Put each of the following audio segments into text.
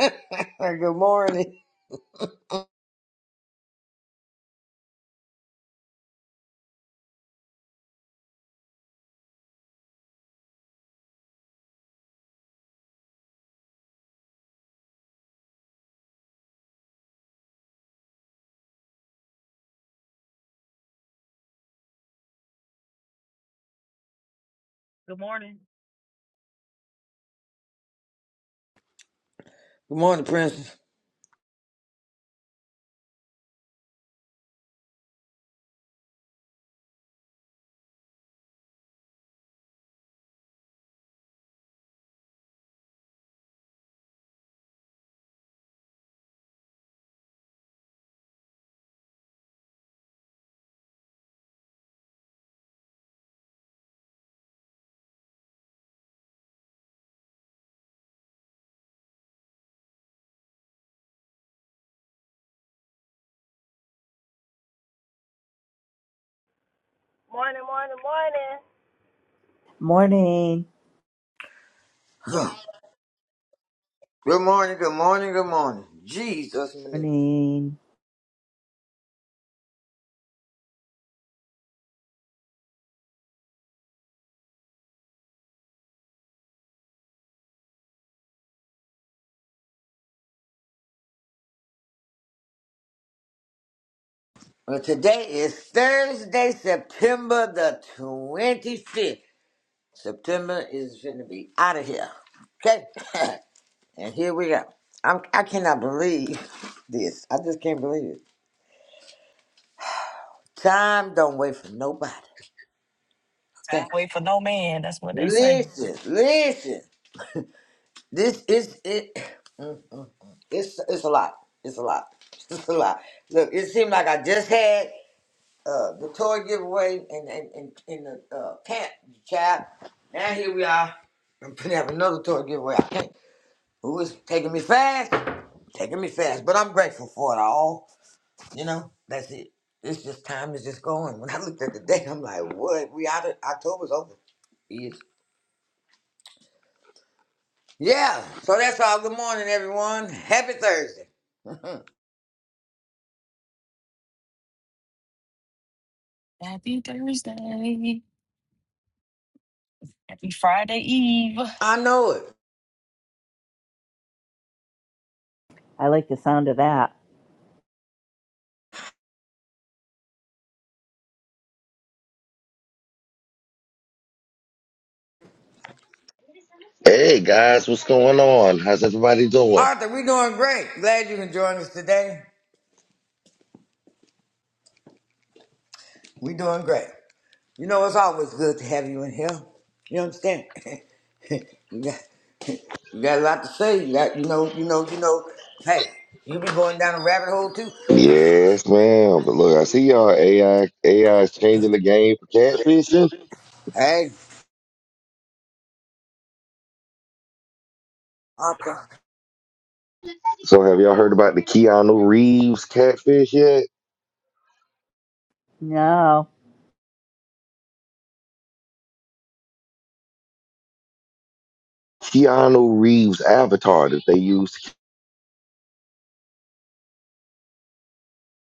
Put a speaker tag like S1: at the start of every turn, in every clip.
S1: good morning.
S2: Good morning.
S1: Good morning, Princess.
S3: Morning, morning, morning.
S4: Morning.
S1: Good morning, good morning, good morning. Jesus, manipulative.
S4: Morning.
S1: Well, today is Thursday, September the 25th. September is going to be out of here. Okay? and here we go. I'm, I cannot believe this. I just can't believe it. Time don't wait for nobody. Okay?
S2: Time wait for no man. That's what they say.
S1: Listen, listen. This is it. mm, mm, mm. It's it's a lot. It's a lot. It's a lot. Look, it seemed like I just had uh, the toy giveaway and and and in the uh, camp child. Now here we are. I'm gonna have another toy giveaway. I can't. Who is taking me fast? Taking me fast. But I'm grateful for it all. You know, that's it. It's just time is just going. When I looked at the date, I'm like, what? We out of October's over. Yes. Yeah. So that's all. Good morning, everyone. Happy Thursday.
S2: Happy Thursday. Happy Friday Eve.
S1: I know it.
S4: I like the sound of that.
S5: Hey guys, what's going on? How's everybody doing?
S1: Arthur, we doing great. Glad you can join us today. We doing great. You know, it's always good to have you in here. You understand? you, got, you got a lot to say. You got, you know, you know, you know. Hey, you be going down a rabbit hole too.
S5: Yes, ma'am. But look, I see y'all AI AI is changing the game for catfishing.
S1: Hey, Arthur,
S5: So have y'all heard about the Keanu Reeves catfish yet?
S4: No.
S5: Keanu Reeves avatar that they used to keep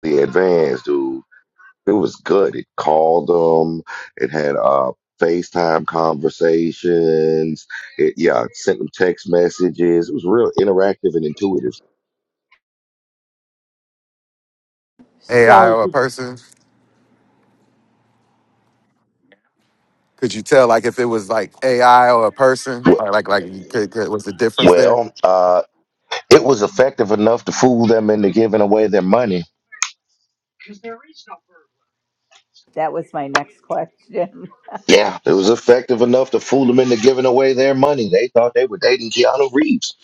S5: the advance, dude. It was good. It called them. It had uh FaceTime conversations. It yeah, it sent them text messages. It was real interactive and intuitive.
S6: AI
S4: So
S6: or a
S4: did-
S6: person? Could you tell like if it was like AI or a person?
S5: Wh-
S6: Or like like you could, could what's the difference there?
S5: Well, uh It was effective enough to fool them into giving away their money.
S4: that was my next question.
S5: Yeah, it was effective enough to fool them into giving away their money. They thought they were dating Keanu Reeves.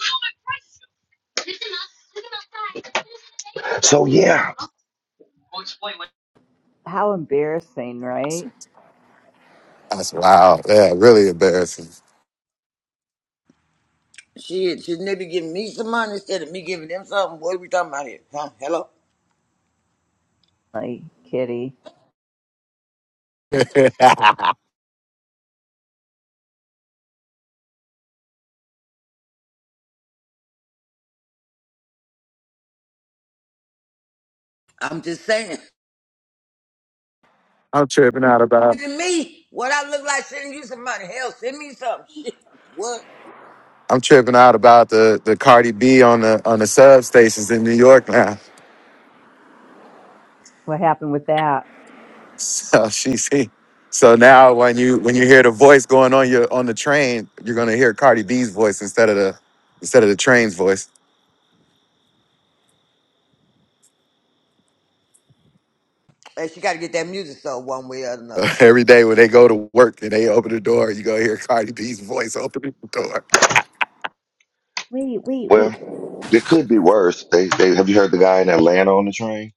S5: So yeah,
S4: How embarrassing, right?
S6: That's wild. Yeah, really embarrassing.
S1: shit, shouldn't they be giving me some money instead of me giving them something? What are we talking about here? Huh? Hello?
S4: Like, Kitty,
S1: I'm just saying.
S6: I'm tripping out about
S1: To me, what I look like, sending you some money. Hell, send me some shit. What?
S6: I'm tripping out about the the Cardi B on the on the substations in New York now.
S4: what happened with that?
S6: So she's so now when you when you hear the voice going on your on the train, you're gonna hear Cardi B's voice instead of the instead of the train's voice.
S1: Hey, she got to get that music sold one way or another.
S6: Uh, Every day when they go to work and they open the door, you gonna hear Cardi B's voice opening the door.
S4: Wait, wait,
S5: well,
S4: wait.
S5: it could be worse. They, they have you heard the guy in Atlanta on the train?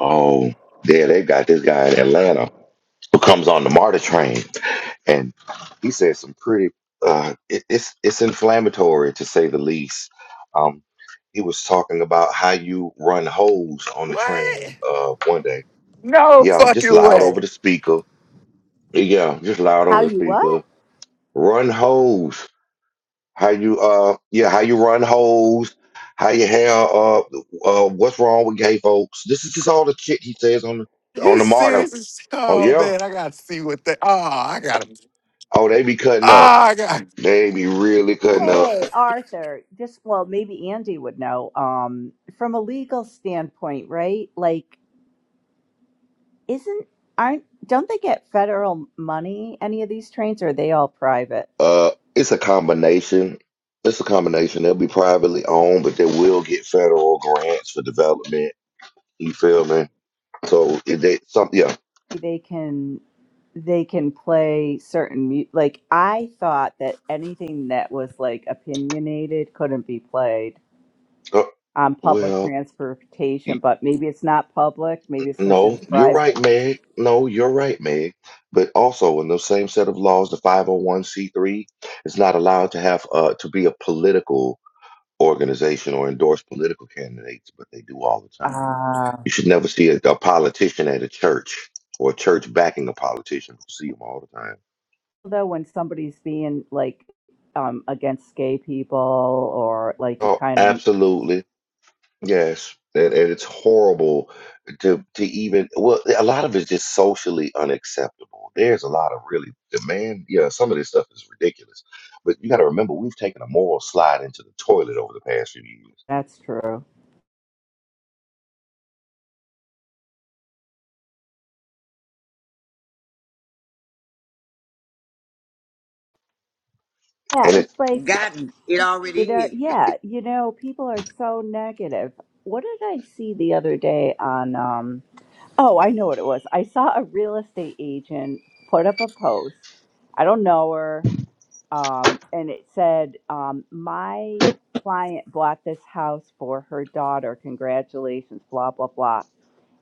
S5: Oh, yeah, they got this guy in Atlanta who comes on the MARTA train, and he says some pretty. Uh, it, it's it's inflammatory to say the least. Um, he was talking about how you run holes on the train
S6: What?
S5: uh, one day
S6: No
S5: Yeah, just
S6: fucking
S5: loud over the
S6: way.
S5: speaker. Yeah, just loud
S4: How
S5: over the
S4: you what?
S5: speaker. Run holes. How you uh yeah, how you run holes, how you have uh uh what's wrong with gay folks. This is just all the shit he says on the on
S6: You
S5: the martyr.
S6: serious? as-
S5: Oh
S6: Oh
S5: yeah.
S6: man, I gotta see what they. Oh, I gotta. Oh,
S5: Oh, they be cutting up.
S6: I got.
S5: They be really cutting up.
S4: Hey, Arthur, just well, maybe Andy would know. Um, from a legal standpoint, right? Like, isn't aren't don't they get federal money? Any of these trains, or are they all private?
S5: Uh it's a combination. It's a combination. They'll be privately owned, but they will get federal grants for development. You feel me? So if they some yeah.
S4: They can. they can play certain mu- like I thought that anything that was like opinionated couldn't be played
S5: Uh,
S4: on public
S5: well,
S4: transportation, but maybe it's not public, maybe it's
S5: No,
S4: considered
S5: you're
S4: private.
S5: right, Meg. No, you're right, Meg. But also, in those same set of laws, the 501c3 is not allowed to have uh, to be a political organization or endorse political candidates, but they do all the time.
S4: Uh,
S5: You should never see a, a politician at a church or a church backing a politician. You see them all the time.
S4: though when somebody's being like um against gay people or like you
S5: Oh,
S4: kind of
S5: absolutely. Yes, and, and it's horrible to to even well, a lot of it's just socially unacceptable. There's a lot of really demand. Yeah, some of this stuff is ridiculous, but you got to remember we've taken a moral slide into the toilet over the past few years,
S4: that's true. Yeah,
S5: and
S4: it's like
S1: Gotten. It already
S4: it are
S1: is.
S4: yeah, you know, people are so negative. What did I see the other day on um Oh, I know what it was. I saw a real estate agent put up a post. I don't know her. Um, and it said, um, my client bought this house for her daughter. Congratulations, blah, blah, blah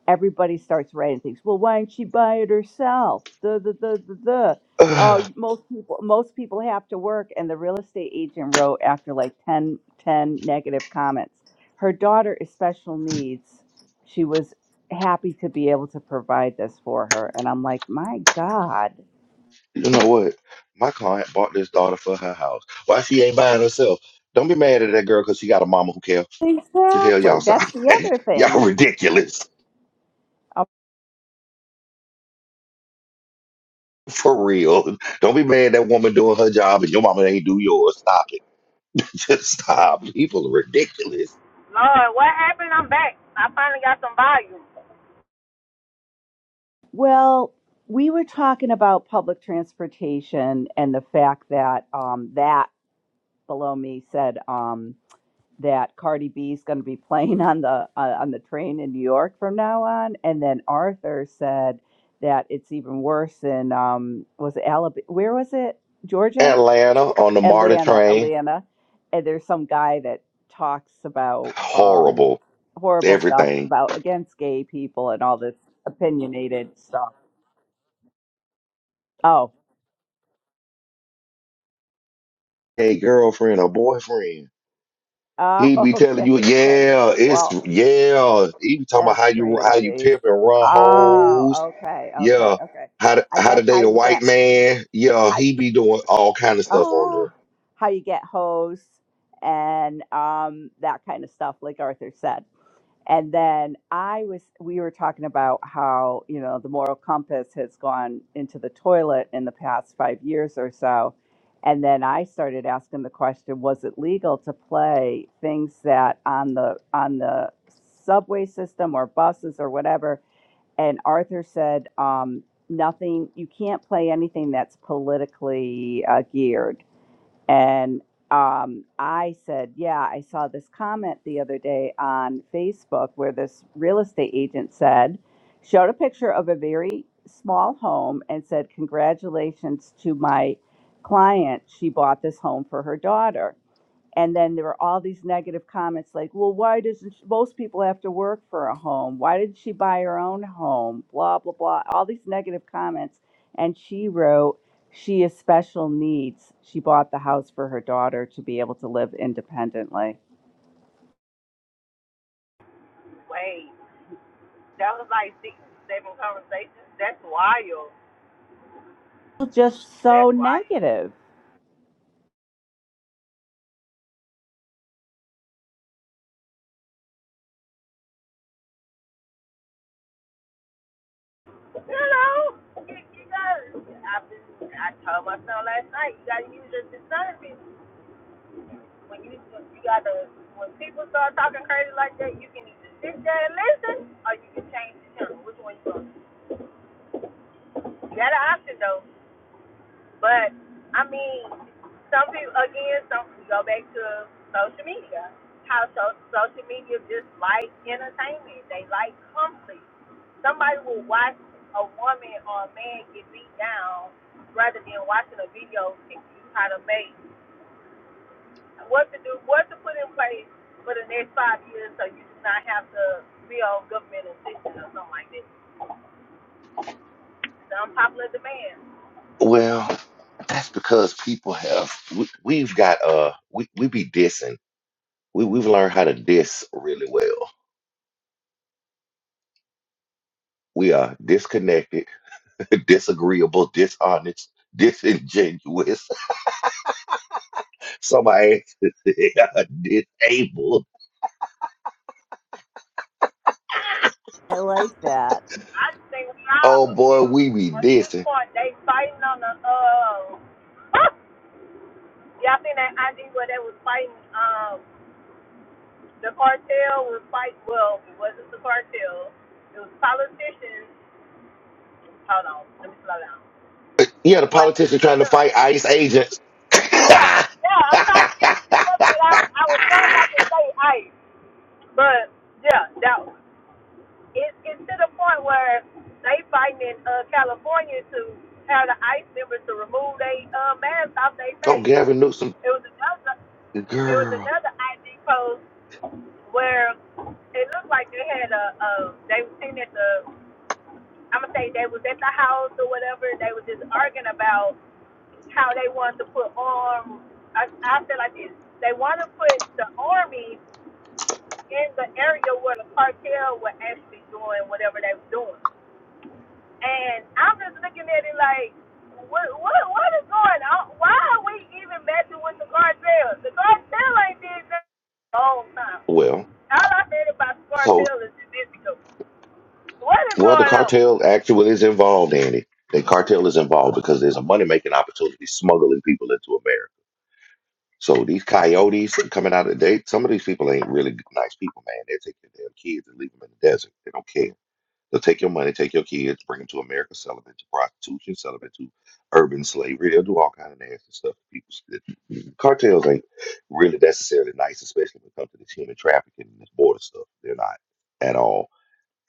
S4: everybody starts writing things. Well, why didn't she buy it herself? Duh, duh, duh, duh, duh. Oh,
S5: it.
S4: you- most people most people have to work, and the real estate agent wrote after like 10 10 negative comments. Her daughter is special needs. She was happy to be able to provide this for her, and I'm like, my God,
S5: you know what? My client bought this daughter for her house. Why she ain't buying herself? Don't be mad at that girl because she got a mama who cares. The hell
S4: exactly.
S5: y'all
S4: That's
S5: sound
S4: the
S5: like?
S4: other thing.
S5: Y'all ridiculous.
S4: Uh,
S5: For real. Don't be mad that woman doing her job and your mama ain't do yours. Stop it. Just stop. People are ridiculous.
S3: Lord, what happened? I'm back. I finally got some volume.
S4: Well, we were talking about public transportation and the fact that um, that below me said. Um, that Cardi B is going to be playing on the uh, on the train in New York from now on. And then Arthur said that it's even worse in um was it Alabama? Where was it? Georgia?
S5: Atlanta on the MARTA
S4: Atlanta,
S5: train.
S4: Atlanta. And there's some guy that talks about um
S5: Horrible.
S4: horrible stuff
S5: Everything.
S4: about against gay people and all this opinionated stuff. Oh,
S5: Hey, girlfriend or boyfriend.
S4: oh,
S5: He be telling
S4: okay,
S5: you,
S4: okay.
S5: yeah, it's
S4: Well,
S5: yeah. He be talking about
S4: that's
S5: how you how you
S4: crazy.
S5: pimp and run hoes.
S4: Oh, okay, okay,
S5: Yeah.
S4: okay.
S5: How to,
S4: I
S5: how to
S4: guess how
S5: date a
S4: you get
S5: white man. Yeah,
S4: how
S5: he be doing all kind of stuff on
S4: uh,
S5: there.
S4: how you get hoes and um, that kind of stuff, like Arthur said. And then I was we were talking about how you know the moral compass has gone into the toilet in the past five years or so. And then I started asking the question: Was it legal to play things that on the on the subway system or buses or whatever and Arthur said, um, nothing, you can't play anything that's politically uh, geared. And um, I said, yeah, I saw this comment the other day on Facebook where this real estate agent said, showed a picture of a very small home and said, congratulations to my client. She bought this home for her daughter. And then there were all these negative comments like, well, why doesn't she, most people have to work for a home? Why didn't she buy her own home? Blah, blah, blah. All these negative comments. And she wrote, she is special needs. She bought the house for her daughter to be able to live independently.
S3: Wait, that was like six, seven conversations. That's wild.
S4: Just so
S3: That's wild.
S4: negative.
S3: Hello. You, you got I, I told myself last night, you gotta use your discernment. When you, you gotta, when people start talking crazy like that, you can either sit there and listen, or you can change the channel. Which one you gonna? do? You got an option though. But I mean, some people again, some we go back to social media. How so, social media just like entertainment. They like comfort. Somebody will watch a woman or a man get beat down rather than watching a video teach you how to make what to do, what to put in place for the next five years, so you do not have to be on government assistance or something like that. The unpopular demand.
S5: Well, that's because people have we, we've got uh we, we be dissing we, we've learned how to diss really well we are disconnected disagreeable, dishonest, disingenuous. Somebody disabled.
S4: I like that,
S3: I just think now
S5: Oh boy, we be
S3: at this
S5: dissing.
S3: point they fighting on the uh yeah, I think that ID where they was fighting um the cartel was fighting well, it wasn't the cartel. It was politicians. Hold on, let me slow down.
S5: Yeah, the
S3: Boy,
S5: politician
S3: finish
S5: trying
S3: it
S5: to
S3: up.
S5: fight ICE agents.
S3: Yeah, yeah, I'm trying to get it together without I was telling about to say ice. But yeah, that was it, it's to the point where they fighting in uh, California to have the ICE members to remove their uh, mask off their
S5: oh,
S3: face.
S5: Gavin Newsom,
S3: It was another it was
S5: girl.
S3: another ID post where it looked like they had a, a they were sitting at the I'm gonna say they was at the house or whatever. They were just arguing about how they wanted to put arm. I, I feel like this. They want to put the army in the area where the cartel were actually doing whatever they were doing. And I'm just looking at it like, what what what is going on? Why are we even messing with the cartel? The cartel ain't did that all the whole time.
S5: Well,
S3: All I said about the
S5: so
S3: cartel is the Mexico. What is
S5: well, the
S3: going on?
S5: cartel actually is involved in it. The cartel is involved because there's a money making opportunity smuggling people into America. So these coyotes coming out of they some of these people ain't really nice people, man. They take your damn kids and leave them in the desert. They don't care. They'll take your money, take your kids, bring them to America, sell them into prostitution, sell them into urban slavery. They'll do all kind of nasty stuff. to People, cartels ain't really necessarily nice, especially when it comes to this human trafficking and this border stuff. They're not at all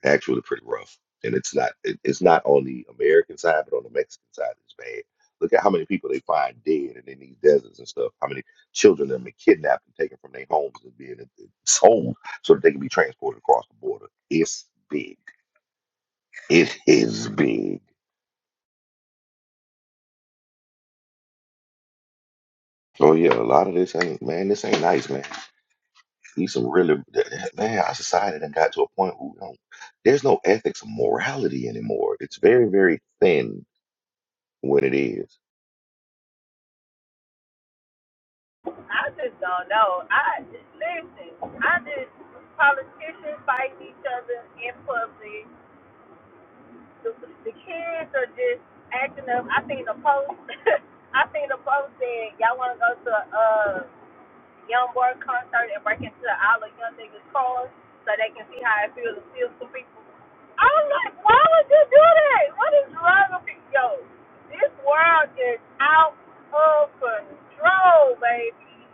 S5: actually pretty rough. And it's not it, it's not on the American side, but on the Mexican side, it's bad. Look at how many people they find dead and in these deserts and stuff. How many children have been kidnapped and taken from their homes and being sold so that they can be transported across the border. It's big. It is big. Oh yeah, a lot of this ain't man. This ain't nice, man. These some really man. Our society done got to a point where we don't, there's no ethics or morality anymore. It's very very thin when it is
S3: I just don't know. I just, listen. I just politicians fighting each other in public. The, the kids are just acting up. I seen a post. I seen a post saying y'all want to go to uh young boy concert and break into all the young niggas' cars so they can see how it feels to steal some people. I was like, why would you do that? What is wrong with you? Yo, this world is out of control, baby.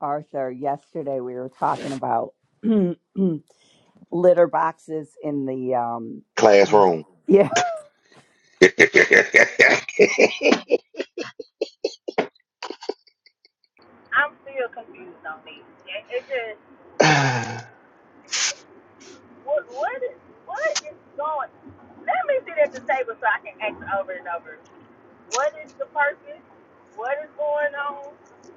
S4: Arthur. Yesterday we were talking about litter boxes in the, um,
S5: classroom.
S4: yeah.
S3: I'm still confused on this. It, it just, what, what is, what is going? Let me sit at the table so I can ask over and over. What is the purpose? What is going on?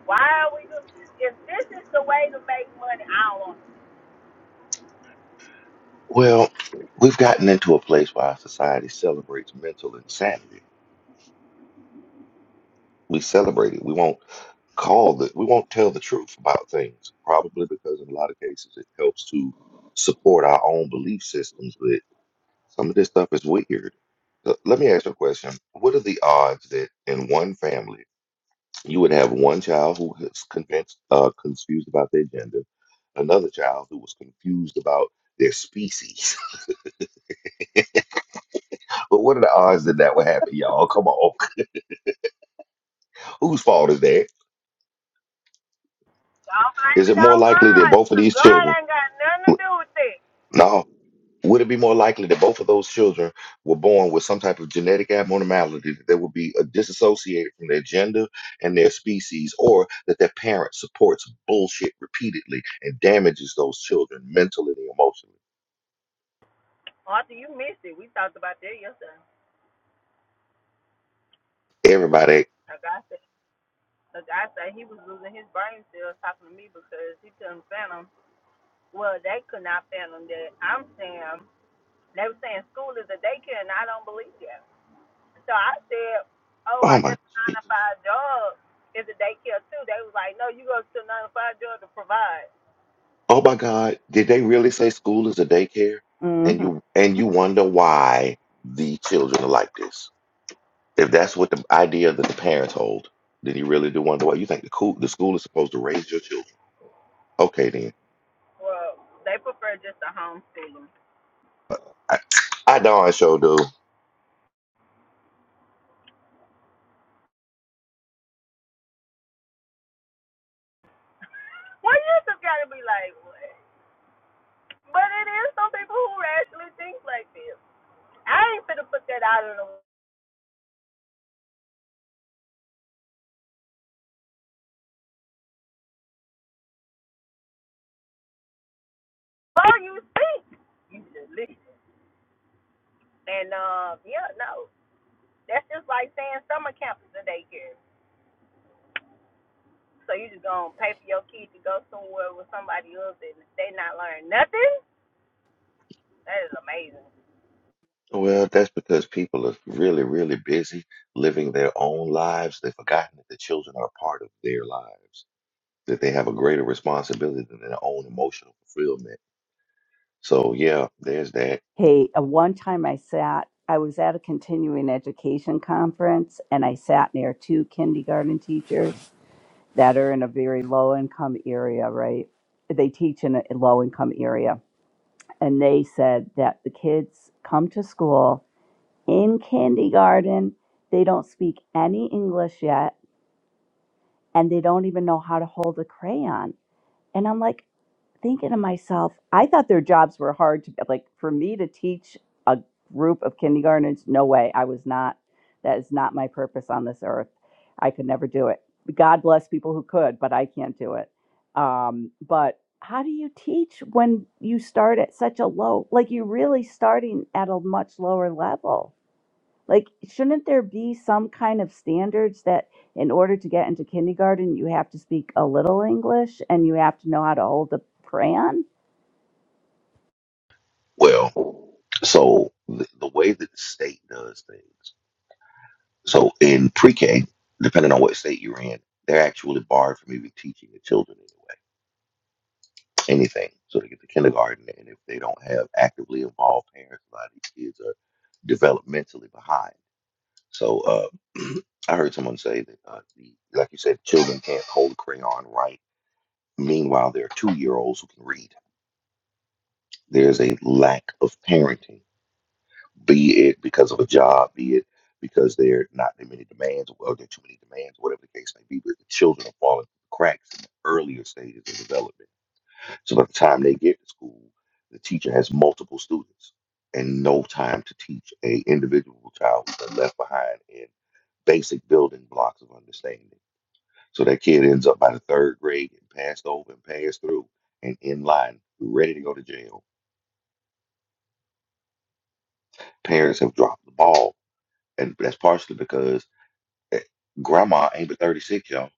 S3: Why are we doing? If this is the way to make money, I don't want
S5: well, we've gotten into a place where our society celebrates mental insanity. We celebrate it. We won't call the we won't tell the truth about things, probably because in a lot of cases it helps to support our own belief systems, but some of this stuff is weird. L- Let me ask you a question. What are the odds that in one family you would have one child who is convinced uh confused about their gender, another child who was confused about their species? But what are the odds that that would happen, y'all? Come on. Whose fault is that?
S3: Don't blame
S5: Is it
S3: it
S5: more
S3: on
S5: likely that
S3: God,
S5: both of
S3: because
S5: these
S3: God
S5: children?
S3: ain't got nothing to do with it.
S5: No. Would it be more likely that both of those children were born with some type of genetic abnormality that would be uh, disassociated from their gender and their species, or that their parent supports bullshit repeatedly and damages those children mentally and emotionally?
S3: Arthur, you missed it. We talked about that yesterday.
S5: Everybody,
S3: Like I said, like I said, he was losing his brain cells talking to me because he couldn't fathom. Well, they could not fathom that. I'm saying, they were saying school is a daycare, and I don't believe that. So I said, oh,
S5: oh
S3: I guess
S5: my.
S3: a nine to five job is a daycare too. They was like, no, you go to a nine to five job to provide.
S5: Oh my God, did they really say school is a daycare?
S4: Mm-hmm.
S5: And you and you wonder why the children are like this. If that's what the idea that the parents hold, then you really do wonder why you think the cool the school is supposed to raise your children. Okay then.
S3: Well, they prefer just a homeschooling.
S5: I, I darn sure do.
S3: Well, you just gotta be like, what? But it is some people who actually think like this. I ain't finna put that out of the Before you think? you should listen. And uh, yeah, no, that's just like saying summer camp is a daycare. So you just gonna pay for your kids to go somewhere with somebody else and they not learn nothing? That is amazing.
S5: Well, that's because people are really, really busy living their own lives. They've forgotten that the children are a part of their lives, that they have a greater responsibility than their own emotional fulfillment. So yeah, there's that.
S4: Hey, uh, one time I sat, I was at a continuing education conference and I sat near two kindergarten teachers that are in a very low income area, right? They teach in a low income area. And they said that the kids come to school in kindergarten, they don't speak any English yet, and they don't even know how to hold a crayon. And I'm like, thinking to myself, I thought their jobs were hard to like for me to teach a group of kindergartners. No way. I was not, that is not my purpose on this earth. I could never do it. God bless people who could, but I can't do it. Um, but how do you teach when you start at such a low, like you're really starting at a much lower level? Like, shouldn't there be some kind of standards that in order to get into kindergarten, you have to speak a little English and you have to know how to hold a crayon?
S5: Well, so the, the way that the state does things, so in pre-K, depending on what state you're in, they're actually barred from even teaching the children anyway, anything. So they get to kindergarten, and if they don't have actively involved parents, a lot of these kids are developmentally behind. So uh, I heard someone say that, uh, the, like you said, children can't hold a crayon right. Meanwhile, there are two-year-olds who can read. There's a lack of parenting be it because of a job, be it because there are not that many demands, or there are too many demands, whatever the case may be. But the children are falling through the cracks in the earlier stages of development. So by the time they get to school, the teacher has multiple students and no time to teach a individual child who's been left behind in basic building blocks of understanding. So that kid ends up by the third grade getting passed over and passed through and in line, ready to go to jail. Parents have dropped the ball. And that's partially because Grandma ain't but 36, y'all.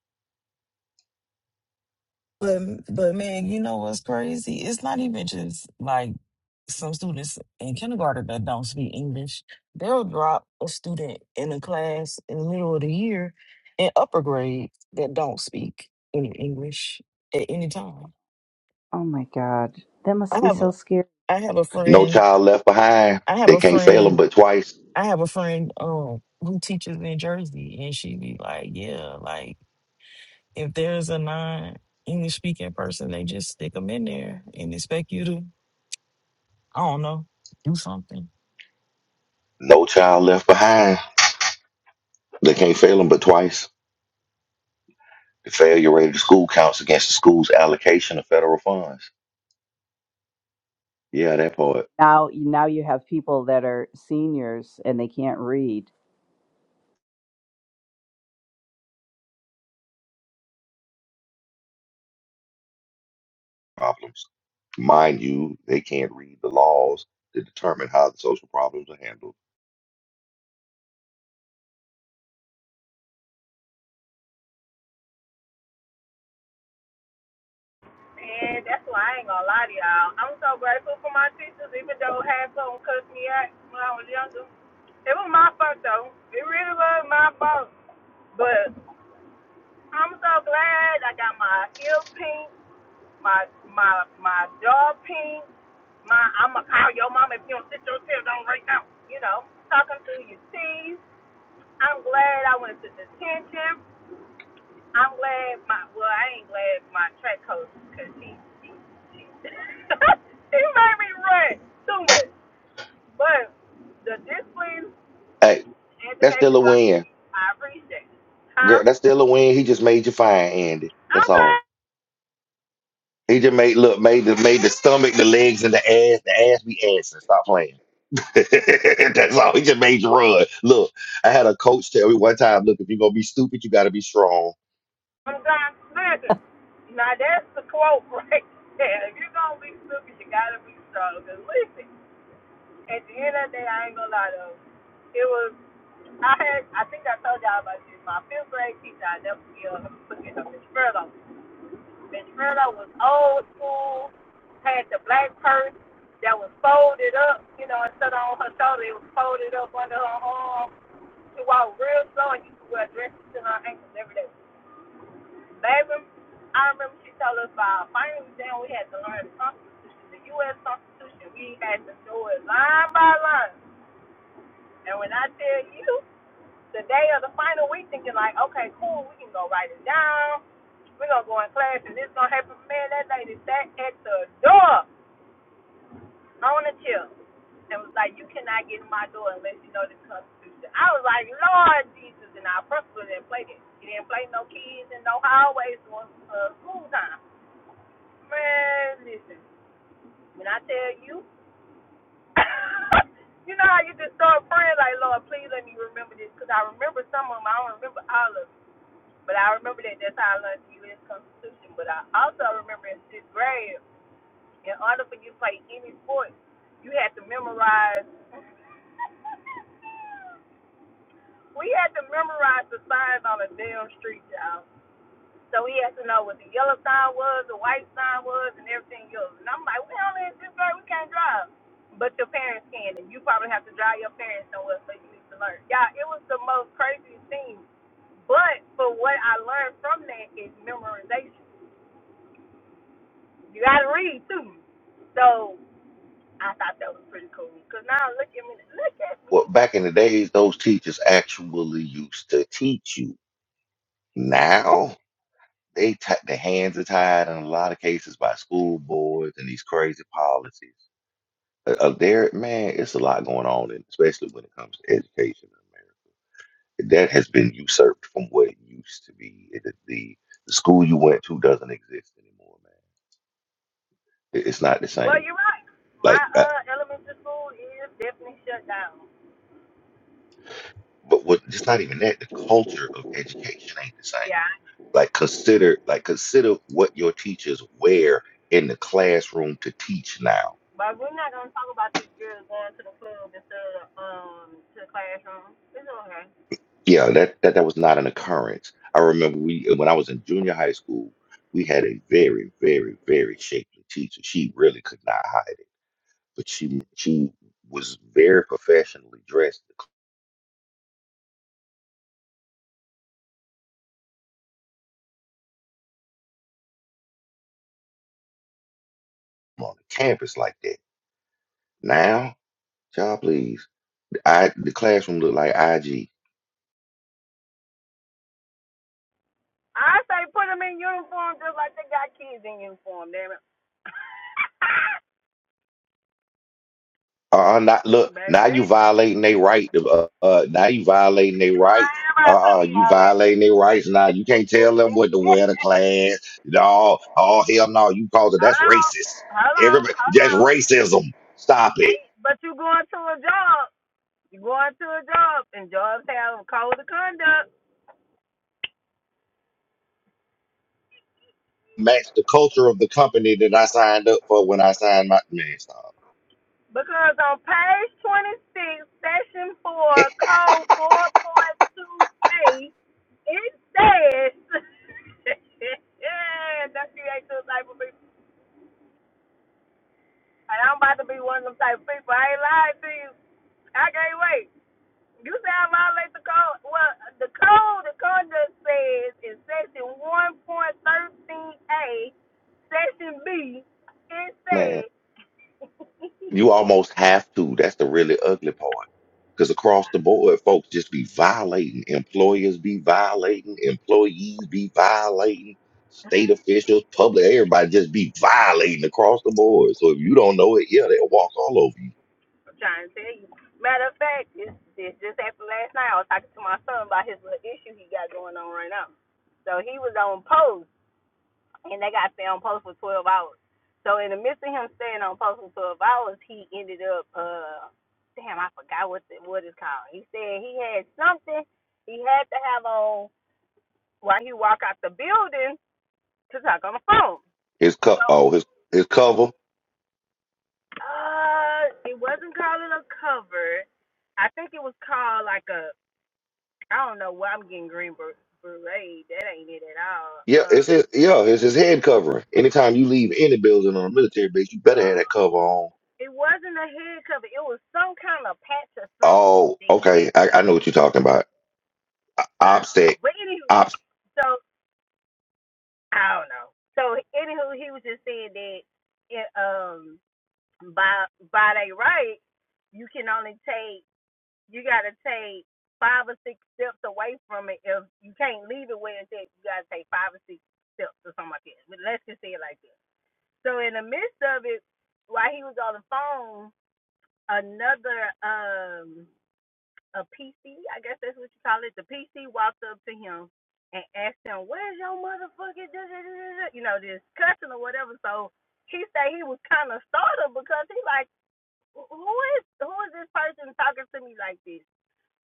S2: But but man, you know what's crazy? It's not even just like some students in kindergarten that don't speak English. They'll drop a student in a class in the middle of the year in upper grade that don't speak any English at any time.
S4: Oh my God, that must
S2: I
S4: be
S2: have
S4: so
S2: a-
S4: scary.
S2: I have a
S5: No
S2: friend.
S5: child left behind.
S2: I have
S5: They
S2: a
S5: can't fail
S2: friend.
S5: them but twice.
S2: I have a friend um who teaches in Jersey, and she be like, "Yeah, like if there's a non-English speaking person, they just stick them in there and expect you to, I don't know, do something."
S5: No child left behind. They can't fail them but twice. The failure rate of the school counts against the school's allocation of federal funds. Yeah, that part.
S4: Now, now you have people that are seniors and they can't read.
S5: Problems. Mind you, they can't read the laws to determine how the social problems are handled.
S3: And that's why I ain't gonna lie to y'all. I'm so grateful for my teachers, even though half of them cussed me out when I was younger. It was my fault though. It really was my fault. But I'm so glad I got my ear pink, my my my jaw pink. My I'ma call your mom if you don't sit your tail down right now. You know, talking through your teeth. I'm glad I went to detention. I'm glad my well, I ain't glad my track coach because she she, she made me run too much. But the discipline,
S5: Hey, that's still
S3: education,
S5: a
S3: I,
S5: win.
S3: I appreciate. it. Huh?
S5: Girl, that's still a win. He just made you fine, Andy. That's
S3: I'm trying.
S5: all. He just made look made the made the stomach, the legs, and the ass, the ass be ass and stop playing. That's all. He just made you run. Look, I had a coach tell me one time, look, if you're gonna be stupid, you gotta be strong.
S3: Sometimes listen. Now that's the quote right there. If you're gonna be stupid, you gotta be strong. strong. 'Cause listen, at the end of the day, I ain't gonna lie to you. It was I had I think I told y'all about this. My fifth grade teacher, I never forget her. Forget her, Miss Furlow. Miss Furlow was old school. Had the black purse that was folded up, you know, instead of on her shoulder, it was folded up under her arm. She walked real slow and used to wear dresses to her ankles every day. Baby, I remember she told us about finally then we had to learn the Constitution, the U.S. Constitution. We had to do it line by line. And when I tell you, the day of the final, we thinking like, okay, cool, we can go write it down. We're going to go in class and it's going to happen. Man, that lady sat at the door on the chair and was like, you cannot get in my door unless you know the Constitution. I was like, Lord Jesus, and our principal didn't play it. He didn't play no kids in no hallways during uh, school time. Man, listen. When I tell you, you know how you just start praying like, Lord, please let me remember this, because I remember some of them. I don't remember all of them, but I remember that that's how I learned the U.S. Constitution. But I also remember in sixth grade, in order for you to play any sport, you had to memorize. We had to memorize the signs on a damn street, y'all. So he has to know what the yellow sign was, the white sign was, and everything else. And I'm like, we only in fifth grade, we can't drive. But your parents can, and you probably have to drive your parents somewhere so you need to learn. Yeah, it was the most crazy thing. But for what I learned from that is memorization. You got to read too. So I thought that was pretty cool. Cause now look at me, look at me
S5: Well,
S3: now.
S5: back in the days, those teachers actually used to teach you. Now they t- the hands are tied in a lot of cases by school boards and these crazy policies. Uh, uh, there, man, it's a lot going on, and especially when it comes to education in America. That has been usurped from what it used to be. It, the, the school you went to doesn't exist anymore, man. It- it's not the
S3: Well,
S5: same.
S3: you're right. My
S5: Like I,
S3: uh elementary school is definitely shut down.
S5: But what it's not even that. The culture of education ain't the
S3: Yeah,
S5: same.
S3: I
S5: Like consider like consider what your teachers wear in the classroom to teach now.
S3: But we're not gonna talk about these girls going to the club and to um to the classroom. It's okay.
S5: Yeah, that that, that was not an occurrence. I remember we when I was in junior high school, we had a very, very, very shapely teacher. She really could not hide it. But she she was very professionally dressed to come on the campus like that. Now, child please. I the classroom looked like IG.
S3: I say put them in uniform just like they got kids in uniform, damn it.
S5: Uh-uh, not look. Now
S3: Baby, I
S5: you violating their right. to, Uh, uh, now you violating their rights.
S3: ain't about to tell
S5: Uh, uh
S3: you
S5: you
S3: all that.
S5: violating their rights. Now you can't tell them what to wear to class. No, oh hell no. You called it. That's
S3: Hold on,
S5: racist.
S3: hold on,
S5: Everybody,
S3: hold
S5: that's
S3: on.
S5: racism. Stop
S3: They,
S5: it.
S3: but you going to a job. You going to a job, and jobs have a code of conduct.
S5: Match the culture of the company that I signed up for when I signed my man. Stop,
S3: Because on page 26, section 4, code 4.2A, it says, that's you ain't those type of people. And I'm about to be one of them type of people. I ain't lying to you. I can't wait. You say I violate the code. Well, the code, the conduct says in section 1.13A, section B, it says
S5: man. You almost have to. That's the really ugly part. Because across the board, folks just be violating. Employers be violating. Employees be violating. State officials, public, everybody just be violating across the board. So if you don't know it, yeah, they'll walk all over you.
S3: I'm trying to tell you. Matter of fact, this this just happened last night. I was talking to my son about his little issue he got going on right now. So he was on post, and they got to stay on post for 12 hours. So in the midst of him staying on post for 12 hours, he ended up, uh, damn, I forgot what the, what it's called. He said he had something he had to have on while he walked out the building to talk on the phone.
S5: His co-
S3: So
S5: oh, his his cover.
S3: uh, it wasn't called a cover. I think it was called like a I don't know why I'm getting green ber- beret. That ain't it at all.
S5: Yeah,
S3: Uh,
S5: it's his yeah, it's his head covering. Anytime you leave any building on a military base, you better
S3: no,
S5: have that cover on.
S3: it wasn't a head cover. It was some kind of patch or something
S5: Oh,
S3: that he had
S5: okay.
S3: to
S5: I, I
S3: have.
S5: know what you're talking about.
S3: I don't know.
S5: OPSEC.
S3: But anywho,
S5: OPS
S3: so I don't know. So anywho, he was just saying that it, um by by they right, you can only take you got to take five or six steps away from it. If you can't leave it where it's at, you got to take five or six steps or something like that. But let's just say it like that. So in the midst of it, while he was on the phone, another um a PC, I guess that's what you call it, the PC walked up to him and asked him, "Where's your motherfucking da- da- da- da- da," you know this cussing or whatever?" So he said he was kind of startled because he like, "Who is who is this person talking to me like this?"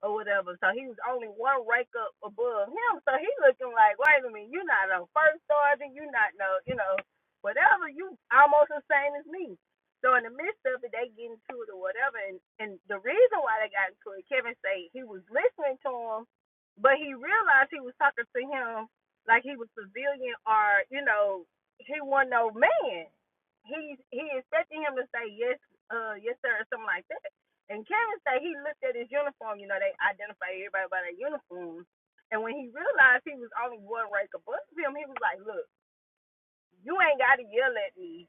S3: or whatever. So he was only one rank up above him. So he looking like, wait a minute, you're not a first sergeant, you're not no, you know, whatever. You almost the same as me. So in the midst of it, they get into it or whatever. And and the reason why they got into it, Kevin say he was listening to him, but he realized he was talking to him like he was civilian or you know he wasn't no man. He he expected him to say yes, uh, yes sir, or something like that. And Karen said he looked at his uniform. You know, they identify everybody by their uniform. And when he realized he was only one rank above him, he was like, "Look, you ain't got to yell at me.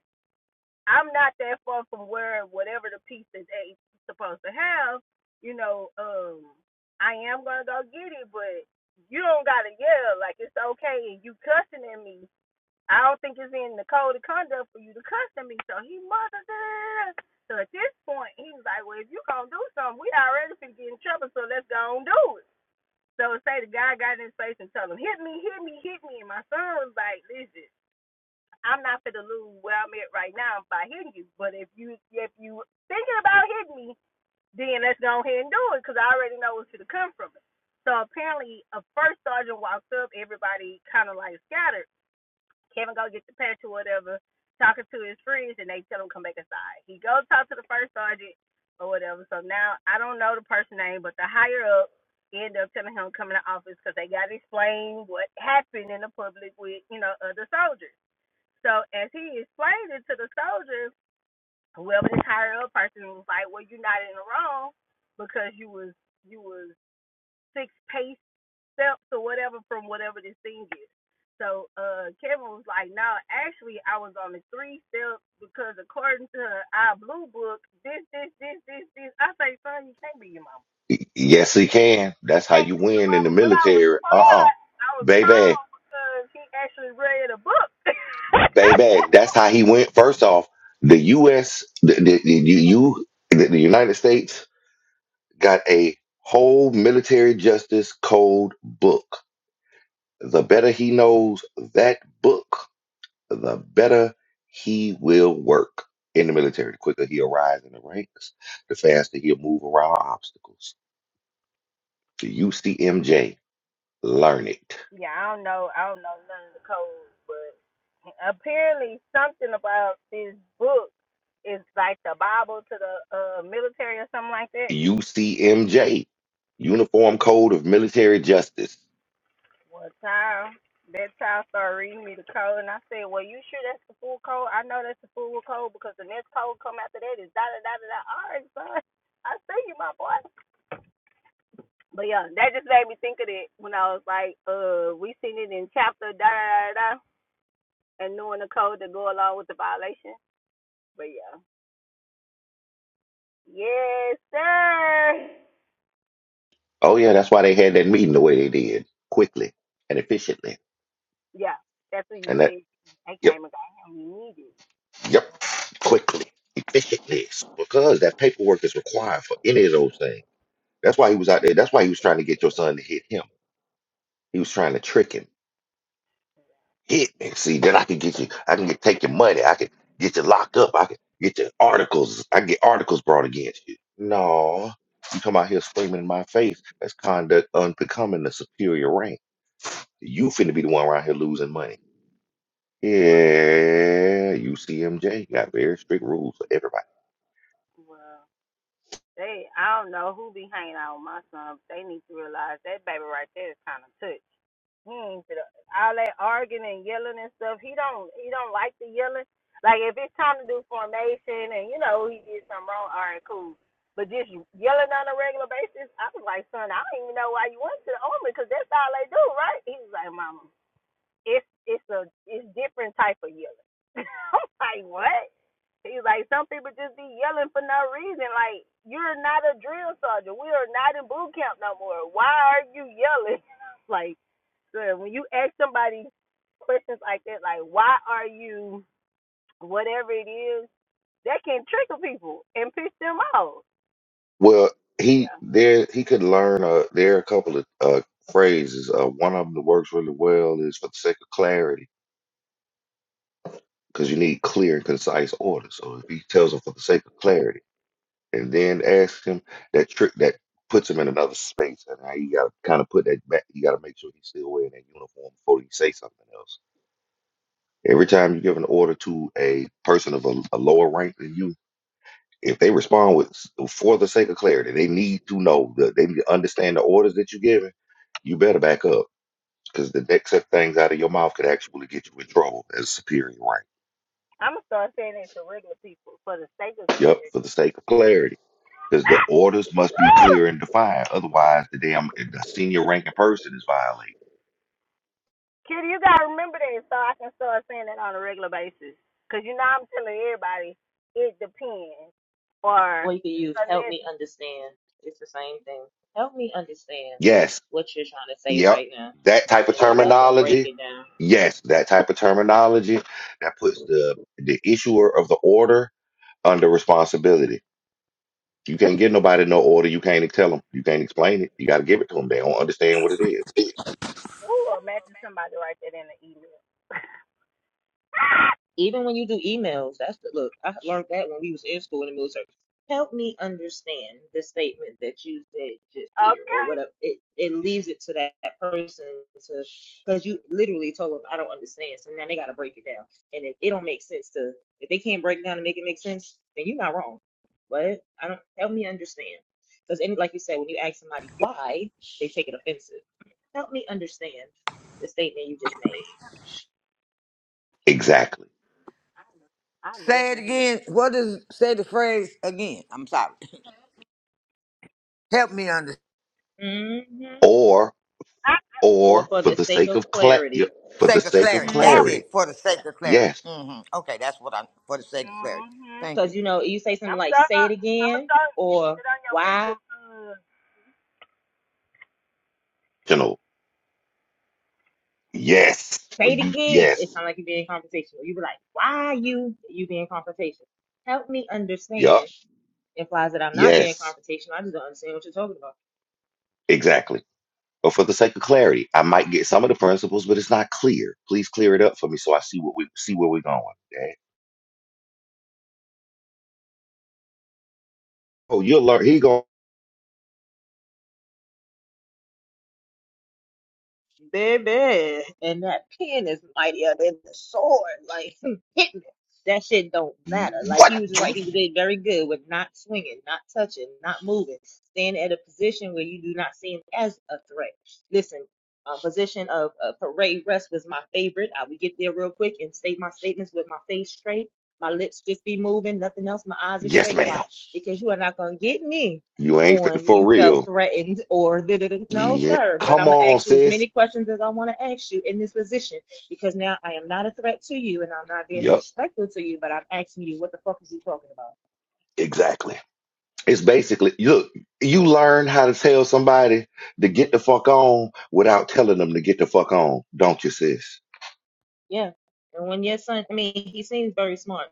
S3: I'm not that far from where whatever the piece is supposed to have. You know, um, I am gonna go get it, but you don't gotta yell. Like it's okay. And you cussing at me. I don't think it's in the code of conduct for you to cuss at me. So he mother. da, So at this point, he was like, well, if you gonna do something, we already finna get in trouble. So let's go and do it. So say the guy got in his face and told him, hit me, hit me, hit me. And my son was like, listen, I'm not finna lose where I'm at right now by hitting you. But if you if you thinking about hitting me, then let's go ahead and do it because I already know what's gonna come from it. So apparently, a first sergeant walked up. Everybody kind of like scattered Kevin go get the patch or whatever, talking to his friends, and they tell him come back inside. He goes talk to the first sergeant or whatever. So now I don't know the person's name, but the higher up end up telling him come in the office because they got to explain what happened in the public with you know other soldiers. So as he explained it to the soldiers, whoever this higher up person was like, well, you're not in the wrong because you was you was six paces steps or whatever from whatever this thing is. So uh, Kevin was like, no, actually, I was on the three steps because according to our blue book, this, this, this, this, this. I say, son, you can't be your mama. You
S5: yes he can. That's how
S3: can't
S5: you
S3: be your
S5: win in the
S3: mama. But I was
S5: military. Uh-uh.
S3: proud. I was
S5: Baby.
S3: proud because he actually read a book.
S5: baby. That's how he went. First off, the U.S. the the, the, you, you- the, the United States got a whole military justice code book. The better he knows that book, the better he will work in the military. The quicker he'll rise in the ranks, the faster he'll move around obstacles. The UCMJ, learn it.
S3: yeah, I don't know. I don't know none of the codes, but apparently something about this book is like the Bible to the uh, military or something like that.
S5: UCMJ, Uniform Code of Military Justice.
S3: One time, that child started reading me the code, and I said, "Well, you sure that's the full code? I know that's the full code because the next code come after that is da da da da da." All right, son, I see you, my boy. But yeah, that just made me think of it when I was like, "Uh, we seen it in chapter da da da, da and knowing the code to go along with the violation." But yeah, yes, sir.
S5: Oh yeah, that's why they had that meeting the way they did, quickly and efficiently.
S3: Yeah, that's what you
S5: And that
S3: said. They
S5: yep,
S3: came and got him. You needed.
S5: yep, quickly, efficiently, because that paperwork is required for any of those things. That's why he was out there. That's why he was trying to get your son to hit him. He was trying to trick him. Hit me, see. Then I can get you. I can get take your money. I can get you locked up. I can get your articles. I can get articles brought against you. No, you come out here screaming in my face. That's conduct unbecoming the superior rank. You finna be the one around here losing money.
S3: Well,
S5: Yeah, UCMJ got very strict rules for everybody.
S3: well. They, I don't know who be hanging out with my son. But they need to realize that baby right there is kind of touched. He ain't to all that arguing and yelling and stuff. He don't, he don't like the yelling. Like if it's time to do formation and you know he did something wrong, all right, cool. But just yelling on a regular basis, I was like, son, I don't even know why you went to the army because that's all they do, right? He was like, mama it's it's a it's different type of yelling. I'm like, what? He's like, some people just be yelling for no reason. Like, you're not a drill sergeant. We are not in boot camp no more. Why are you yelling? like, sir, when you ask somebody questions like that, like, why are you whatever it is, that can trigger people and piss them off.
S5: Well,
S3: But
S5: he
S3: yeah,
S5: there he could learn. Uh, there are a couple of uh, phrases. Uh, one of them that works really well is for the sake of clarity, because you need clear and concise order. So if he tells them for the sake of clarity. and then ask him that trick that puts him in another space. And now you gotta kind of put that back. You gotta make sure he's still wearing that uniform before you say something else. Every time you give an order to a person of a, a lower rank than you, if they respond with for the sake of clarity, they need to know that they need to understand the orders that you're giving. You better back up because the next set of things out of your mouth could actually get you in trouble as a superior rank.
S3: I'm gonna start saying it to regular people for the sake of
S5: Yep,
S3: clarity.
S5: for the sake of clarity. Because the orders must be clear and defined. Otherwise, the damn the senior ranking person is violating.
S3: Kitty, you gotta remember that so I can start saying that on a regular basis. Cause you know I'm telling everybody it depends, or
S7: Or you can use help
S3: unless
S7: me
S3: you
S7: understand. It's the same thing. Help me understand
S5: Yes.
S7: what you're trying to say
S5: Yep.
S7: right now.
S5: That type of
S7: And then let them break
S5: terminology.
S7: it down.
S5: Yes, that type of terminology that puts the the issuer of the order under responsibility. You can't get nobody no order. You can't tell them. You can't explain it. You got to give it to them. They don't understand what it is
S3: or imagine somebody write that in the email.
S7: Even when you do emails, that's the look. I learned that when we was in school in the military. Help me understand the statement that you said just here, or
S3: okay,
S7: whatever. It it leaves it to that, that person to because you literally told them I don't understand, so now they got to break it down. And if it don't make sense to, if they can't break it down and make it make sense, then you're not wrong. But I don't help me understand because, like you said, when you ask somebody why, they take it offensive. Help me understand the statement you just made.
S3: Mm,
S5: exactly.
S3: I love
S1: Say it
S3: you here.
S1: again. What is say the phrase again? I'm sorry. Help me under
S7: Mm-hmm.
S5: Or
S3: I
S7: or
S5: or
S7: for
S5: for
S7: the
S5: the
S7: sake
S5: sake
S7: of
S5: of cla- yeah,
S7: clarity.
S5: for the
S1: sake of
S5: sake of
S1: clarity.
S3: that
S1: That's
S7: Mm-hmm.
S1: it.
S5: clarity.
S1: For the sake of clarity.
S5: Yes.
S1: hmm Okay, that's what I'm for the sake of clarity. Thank you.
S7: Because, you know, you say something
S3: I'm
S7: like,
S3: sorry.
S7: say it
S3: I'm gonna
S7: again,
S3: start
S7: or
S3: it on your
S7: why?
S3: people. Mm.
S5: You know. Yes.
S7: Say
S5: When
S7: it
S5: you
S7: again. It
S5: yes.
S7: sounds like you're being confrontational. You be like, why you? You being confrontational. Help me
S5: Yup.
S7: understand implies that I'm not being
S5: Yes,
S7: confrontational. I just don't understand what you're talking about.
S5: exactly. But for the sake of clarity, I might get some of the principles, but it's not clear. Please clear it up for me so I see what we see where we're going. Dad. Oh, you'll learn. He going
S7: baby, and that pen is mightier than the sword. Like hit me. That shit don't matter. Like
S5: what?
S7: he was right. He
S5: You?
S7: did very good with not swinging, not touching, not moving, staying at a position where you do not see him as a threat. Listen, uh, position of uh, parade rest was my favorite. I would get there real quick and state my statements with my face straight, my lips just be moving, nothing else. My eyes are
S5: Yes,
S7: straight. Why?
S5: ma'am.
S7: Because you are not gonna get me
S5: You ain't fit
S7: on you
S5: for
S7: felt
S5: real.
S7: threatened or da da no
S5: Yeah.
S7: sir but
S5: Come
S7: i'm going to
S5: on,
S7: ask you as many
S5: sis.
S7: questions as i want to ask you in this position because now i am not a threat to you and i'm not being
S5: Yep.
S7: disrespectful to you but i'm asking you what the fuck is he talking about
S5: Exactly. It's basically look. You learn how to tell somebody to get the fuck on without telling them to get the fuck on, don't you, sis?
S7: yeah and when your son i mean he seems very smart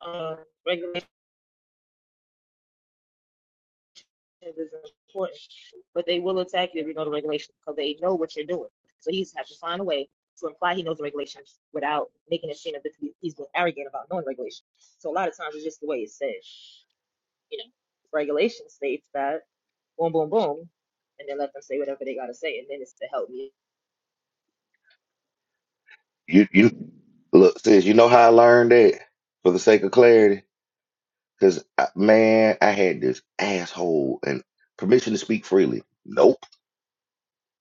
S7: uh, regulations is important but they will attack you if you know the regulations because they know what you're doing so he's have to find a way to imply he knows the regulations without making it seem as if he- he's being arrogant about knowing regulations so a lot of times it's just the way it's said you know, regulation states that boom, boom, boom, and then let them say whatever they gotta say, and then it's to help me.
S5: You you look, sis. You know how I learned that for the sake of clarity. Cause uh, man, I had this asshole and permission to speak freely. Nope.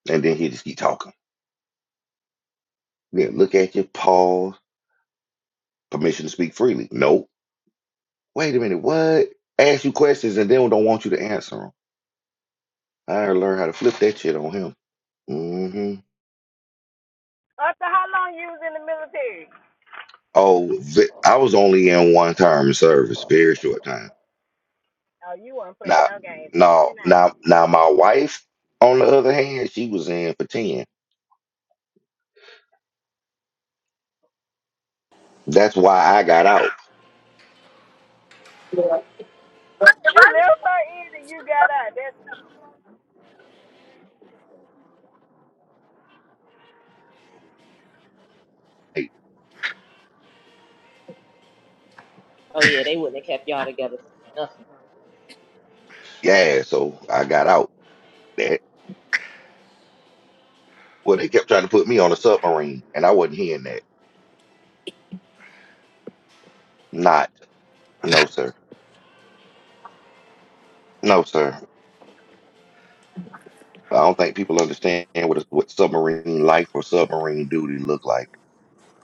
S5: And then he just keep talking. Yeah, look at you, pause. Permission to speak freely. Nope. Wait a minute, what? Ask you questions and then don't want you to answer them. I learned how to flip that shit on him. hmm
S3: Up how long you was in the military?
S5: Oh, ve- I was only in one term of service, very short time.
S3: Oh, you weren't
S5: Now,
S3: playing no games.
S5: now,
S3: Even that.
S5: now, now, my wife, on the other hand, she was in for ten. That's why I got out.
S3: You left her in and you got out. That's
S5: Hey,
S7: Oh yeah, they wouldn't have kept y'all together for nothing.
S5: yeah, so I got out. That well, they kept trying to put me on a submarine, and I wasn't hearing that. Not, no, sir, no, sir. I don't think people understand what a, what submarine life or submarine duty look like.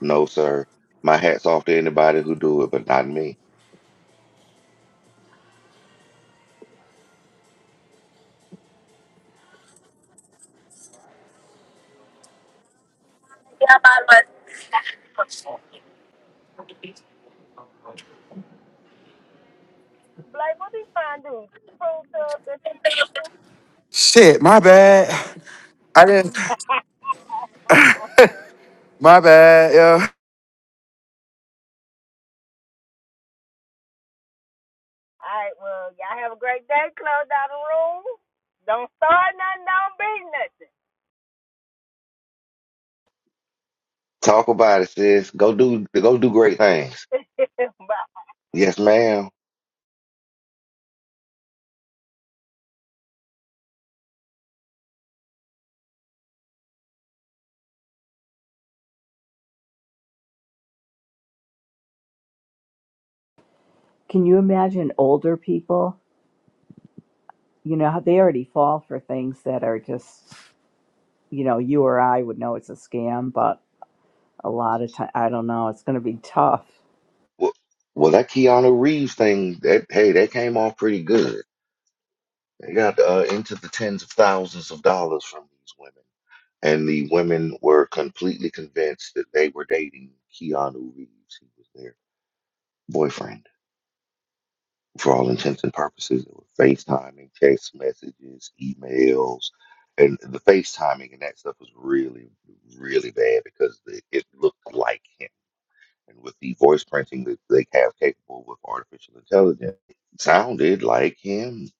S5: No, sir. My hats off to anybody who do it, but not me.
S3: like, What are you trying to do? Prove to us
S6: Shit, my bad. I didn't.
S3: that.
S6: My bad, yo.
S3: All right, well, y'all have a great day. Close out the room. Don't start nothing. Don't be nothing.
S5: Talk about it, sis. Go do go do great things.
S3: Bye.
S5: Yes, ma'am.
S4: Can you imagine older people? You know, how they already fall for things that are just you know, you or I would know it's a scam, but a lot of time, I don't know, it's going to be tough.
S5: Well, well that Keanu Reeves thing, that hey, that came off pretty good. They got uh, into the tens of thousands of dollars from these women, and the women were completely convinced that they were dating Keanu Reeves. He was their boyfriend for all intents and purposes. There were FaceTiming, text messages, emails, and the FaceTiming and that stuff was really, really bad because it, it looked like him and with the voice printing that they have capable with artificial intelligence, it sounded like him.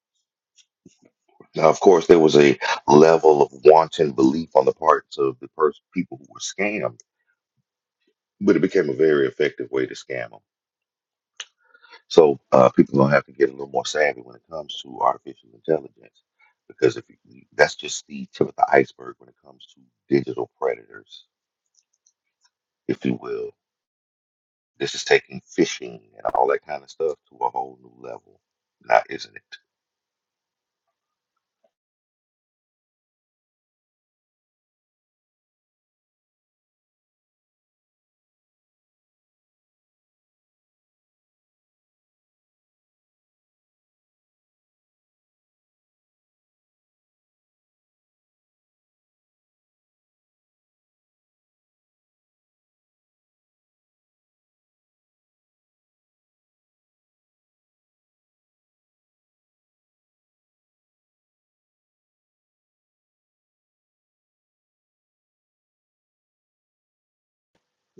S5: Now, of course, there was a level of wanton belief on the parts of the person, people who were scammed, but it became a very effective way to scam them. So uh, people are gonna have to get a little more savvy when it comes to artificial intelligence, because if you, that's just the tip of the iceberg when it comes to digital predators, if you will. This is taking phishing and all that kind of stuff to a whole new level. Now, isn't it?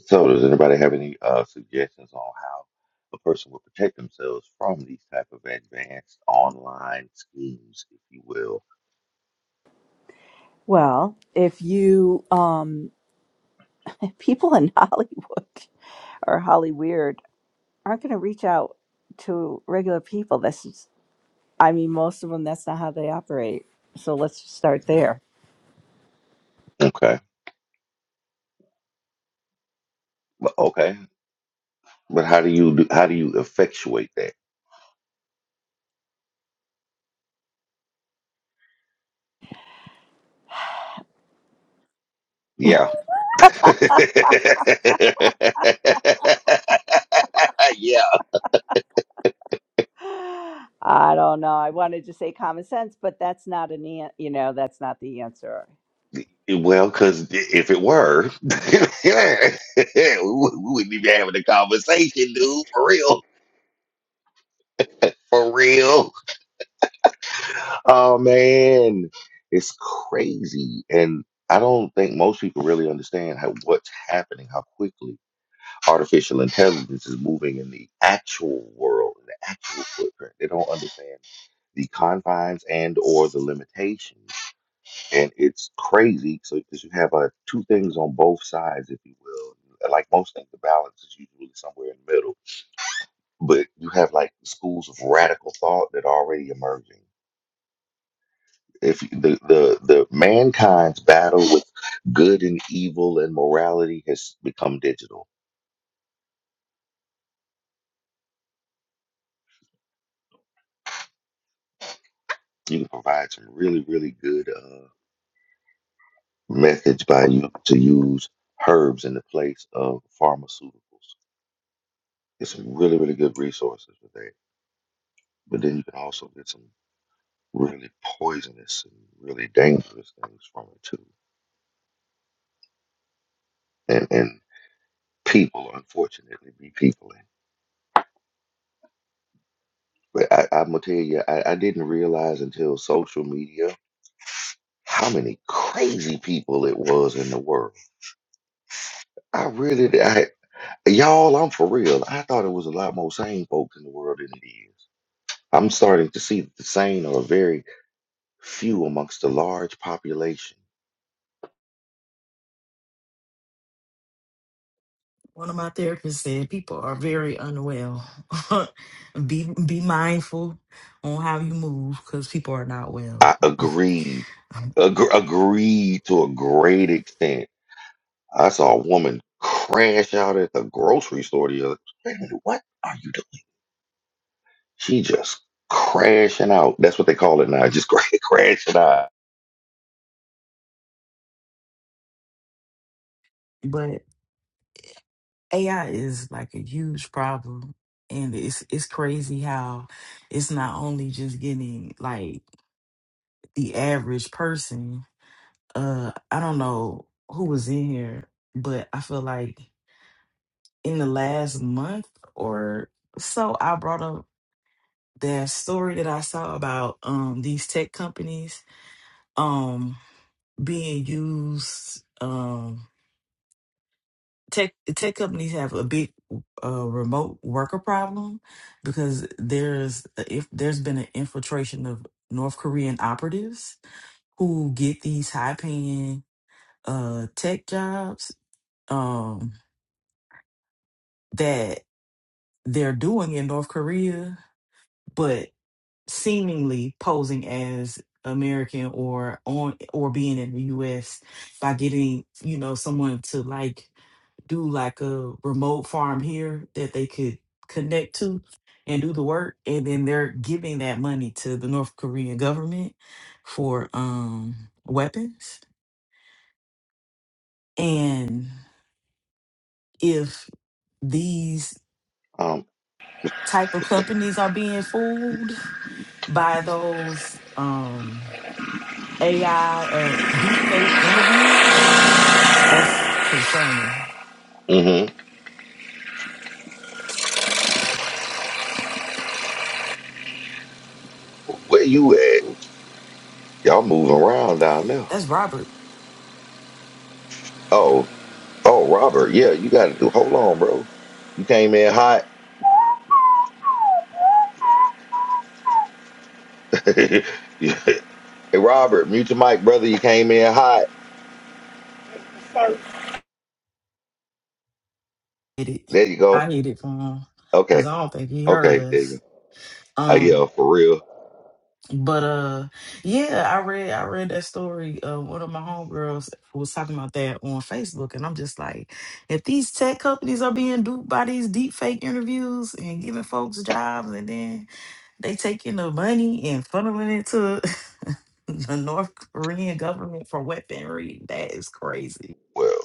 S5: So, does anybody have any uh, suggestions on how a person would protect themselves from these type of advanced online schemes, if you will?
S4: Well, if you, um, if people in Hollywood or Holly Weird aren't going to reach out to regular people, this is, I mean, most of them, that's not how they operate. So let's just start there.
S5: Okay, but, okay, but how do you do, how do you effectuate that? Yeah, yeah.
S4: I don't know. I wanted to say common sense, but that's not an, an you know, that's not the answer.
S5: Well, because if it were, we wouldn't even be having a conversation, dude. For real, for real. Oh man, it's crazy. And I don't think most people really understand how what's happening, how quickly artificial intelligence is moving in the actual world, in the actual footprint. They don't understand the confines and or the limitations. And it's crazy. So because you have uh, two things on both sides, if you will. Like most things, the balance is usually somewhere in the middle. But you have like schools of radical thought that are already emerging if the, the the mankind's battle with good and evil and morality has become digital you can provide some really really good uh, methods by you to use herbs in the place of pharmaceuticals It's some really really good resources for that but then you can also get some really poisonous and really dangerous things from it too and and people unfortunately be people but I, I'm gonna tell you, I, I didn't realize until social media how many crazy people it was in the world. I really, did- I, y'all, I'm for real. I thought it was a lot more sane folks in the world than it is. I'm starting to see that the sane are very few amongst the large population.
S2: One of my therapists said people are very unwell. be be mindful on how you move because people are not
S5: I
S2: well.
S5: agreed,
S2: Um,
S5: Ag- agreed to a great extent. I saw a woman crash out at the grocery store the other. Wait a minute, what are you doing? She just crashing out. That's what they call it now. Just crashing out.
S2: But AI is like a huge problem. And it's it's crazy how it's not only just getting like the average person uh I don't know who was in here, but I feel like in the last month or so I brought up that story that I saw about um these tech companies um being used um tech tech companies have a big uh remote worker problem because there's if there's been an infiltration of North Korean operatives who get these high paying uh tech jobs um. that they're doing in North Korea, but seemingly posing as American or on or being in the US by getting, you know, someone to like do like a remote farm here that they could connect to and do the work and then they're giving that money to the North Korean government for um weapons and if these
S5: Um,
S2: type of companies are being fooled by those um AI uh deep fake interviews. That's concerning.
S5: mhm. Where you at? Y'all moving around down there.
S2: That's Robert
S5: Oh, oh, Robert. Yeah, you got to do. Hold on, bro. You came in hot. hey, Robert, mute your mic, brother. You came in hot.
S8: Sorry.
S2: did it.
S5: There you go.
S2: I hit it from him because
S5: Okay,
S2: I don't think he heard
S5: okay. There you
S2: us.
S5: go. Uh, yeah,
S2: Um
S5: for real.
S2: but uh yeah, I read I read that story. Uh one of my homegirls was talking about that on Facebook and I'm just like, if these tech companies are being duped by these deep fake interviews and giving folks jobs and then They taking the money and funneling it to the North Korean government for weaponry. That is crazy.
S5: Well,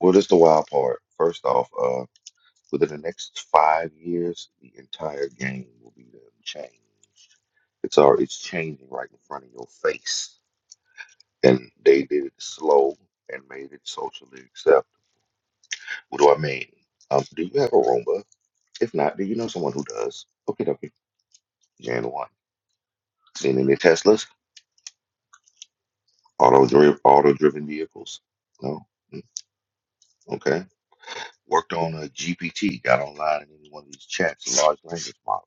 S5: well, this the wild part. First off, uh, within the next five years, the entire game will be done changed. It's already it's changing right in front of your face, and they did it slow and made it socially acceptable What do I mean? Um, do you have a Roomba? If not, do you know someone who does? Okay, okay. Jan 1. Seen any Teslas? Auto driven auto driven vehicles? No? Mm, Okay. Worked on a GPT, got online in any one of these chats, large language models.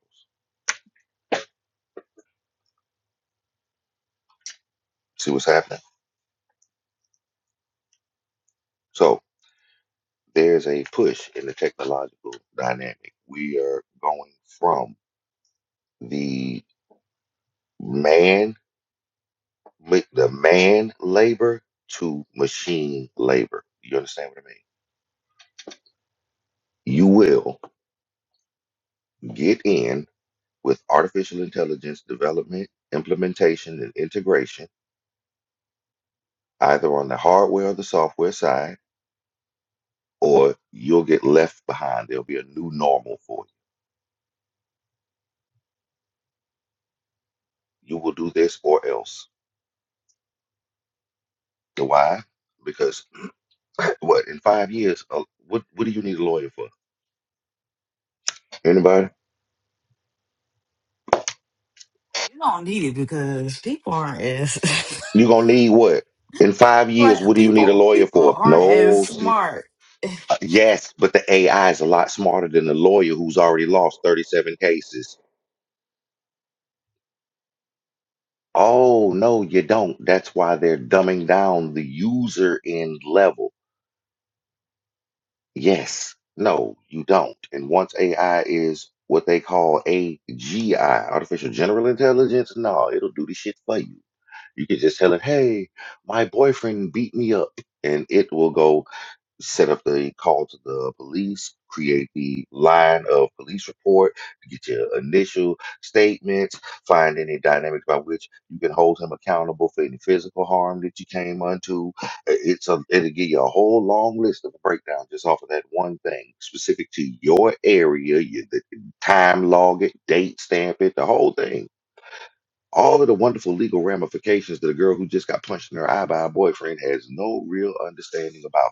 S5: See what's happening. So there's a push in the technological dynamic. We are going from the man ma- the man labor to machine labor. You understand what I mean? You will. Get in with artificial intelligence development, implementation, and integration, either on the hardware or the software side, or you'll get left behind. There'll be a new normal for you. You will do this or else. Why? Because what in five years? Uh, what what do you need a lawyer for? Anybody?
S2: You don't need it because people aren't as
S5: You gonna need what? In five years, what
S2: but
S5: do you need a
S2: people
S5: lawyer
S2: people
S5: for?
S2: aren't
S5: No,
S2: as
S5: sis.
S2: smart.
S5: Uh, yes, but the AI is a lot smarter than the lawyer who's already lost 37 cases. Oh, no, you don't. That's why they're dumbing down the user end level. Yes, no, you don't. And once AI is what they call AGI, artificial general intelligence, no, it'll do the shit for you. You can just tell it, hey, my boyfriend beat me up, and it will go set up the call to the police, create the line of police report, get your initial statements, find any dynamics by which you can hold him accountable for any physical harm that you came unto. Uh, It's a it'll give you a whole long list of a breakdown just off of that one thing specific to your area, you, the time log it, date stamp it, the whole thing all of the wonderful legal ramifications that a girl who just got punched in her eye by a boyfriend has no real understanding about.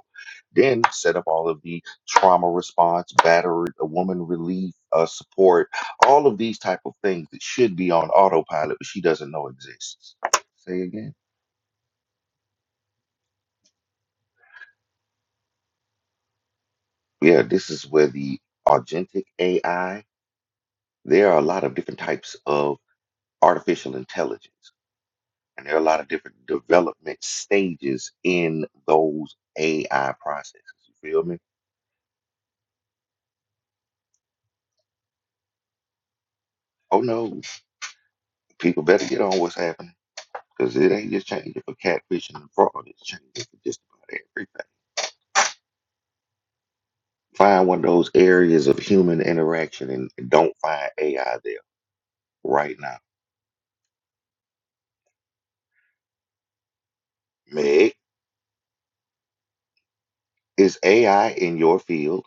S5: Then set up all of the trauma response, battered a woman relief, uh, support, all of these type of things that should be on autopilot, but she doesn't know exists. Say again. Yeah, this is where the agentic AI. There are a lot of different types of artificial intelligence, and there are a lot of different development stages in those AI processes. You feel me? Oh no, people better get on what's happening because it ain't just changing for catfishing and fraud. It's changing for just about everything. Find one of those areas of human interaction and and don't find AI there right now. Meg, is AI in your field?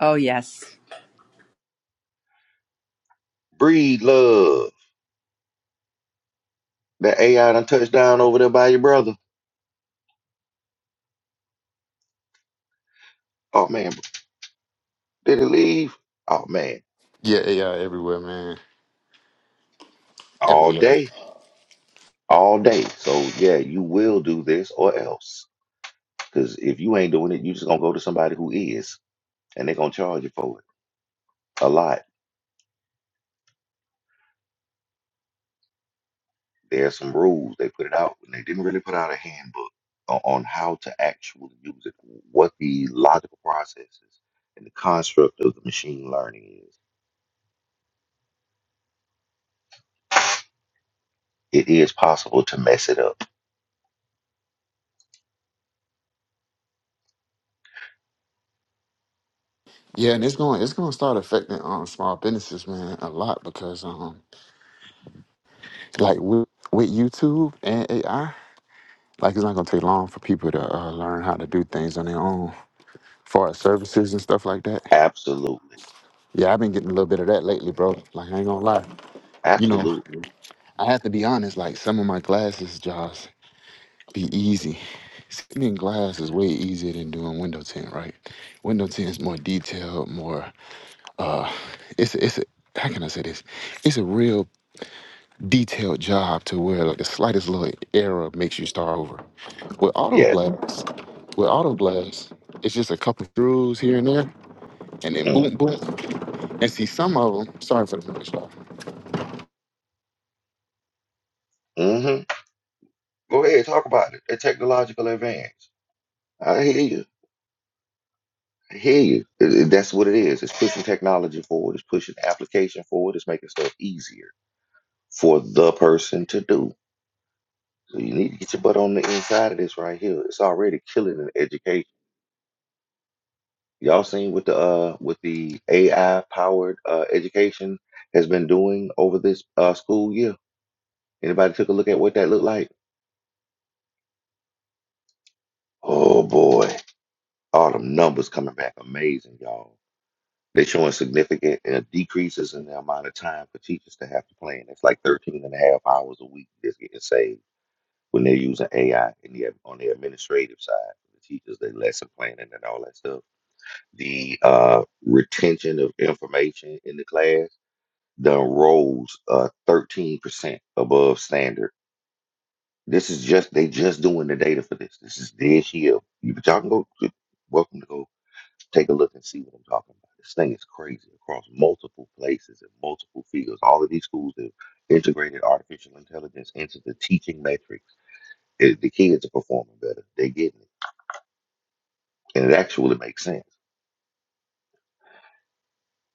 S4: Oh, yes.
S5: Breed love. That AI done touched down over there by your brother. Oh man, did it leave? Oh man,
S9: Yeah, AI everywhere, man.
S5: all
S9: Everywhere.
S5: day, all day. So yeah, you will do this or else. Because if you ain't doing it, you just gonna go to somebody who is, and they are gonna charge you for it. a lot. There are some rules they put it out, and they didn't really put out a handbook on, on how to actually use it, what the logical processes and the construct of the machine learning is. It is possible to mess it up.
S9: Yeah, and it's going it's going to start affecting um small businesses, man, a lot because um like with with YouTube and AI, like it's not going to take long for people to uh, learn how to do things on their own, as far as services and stuff like that.
S5: Absolutely,
S9: Yeah, I've been getting a little bit of that lately, bro. Like I ain't gonna lie, you know,
S5: absolutely,
S9: I have to be honest. Like some of my glasses jobs be easy. Sitting in glass is way easier than doing window tint, right? Window tint is more detailed, more uh it's it's how can I say this? It's a real detailed job to where like the slightest little error makes you start over. With auto
S5: yes.
S9: glass, with auto glass, it's just a couple screws here and there, and then
S5: Mm.
S9: boom, boom. And see some of them. Sorry for the noise, y'all.
S5: hmm Go ahead, talk about it. A technological advance. I hear you. I hear you. It- it- That's what it is. It's pushing technology forward. It's pushing application forward. It's making stuff easier for the person to do So you need to get your butt on the inside of this right here. It's already killing in education. Y'all seen what the uh what the AI powered uh education has been doing over this uh school year? Anybody took a look at what that looked like? Oh boy. All them numbers coming back amazing, y'all. They're showing significant uh, decreases in the amount of time for teachers to have to plan. It's like 13 and a half hours a week that's getting saved when they're using AI in the, on the administrative side, for the teachers, their lesson planning and all that stuff the uh, retention of information in the class done rose uh, 13% above standard. This is just they just doing the data for this. This is this year. You but y'all can go welcome to go take a look and see what I'm talking about. This thing is crazy across multiple places and multiple fields. All of these schools have integrated artificial intelligence into the teaching metrics. It- the kids are performing better. They're getting it. And it actually makes sense.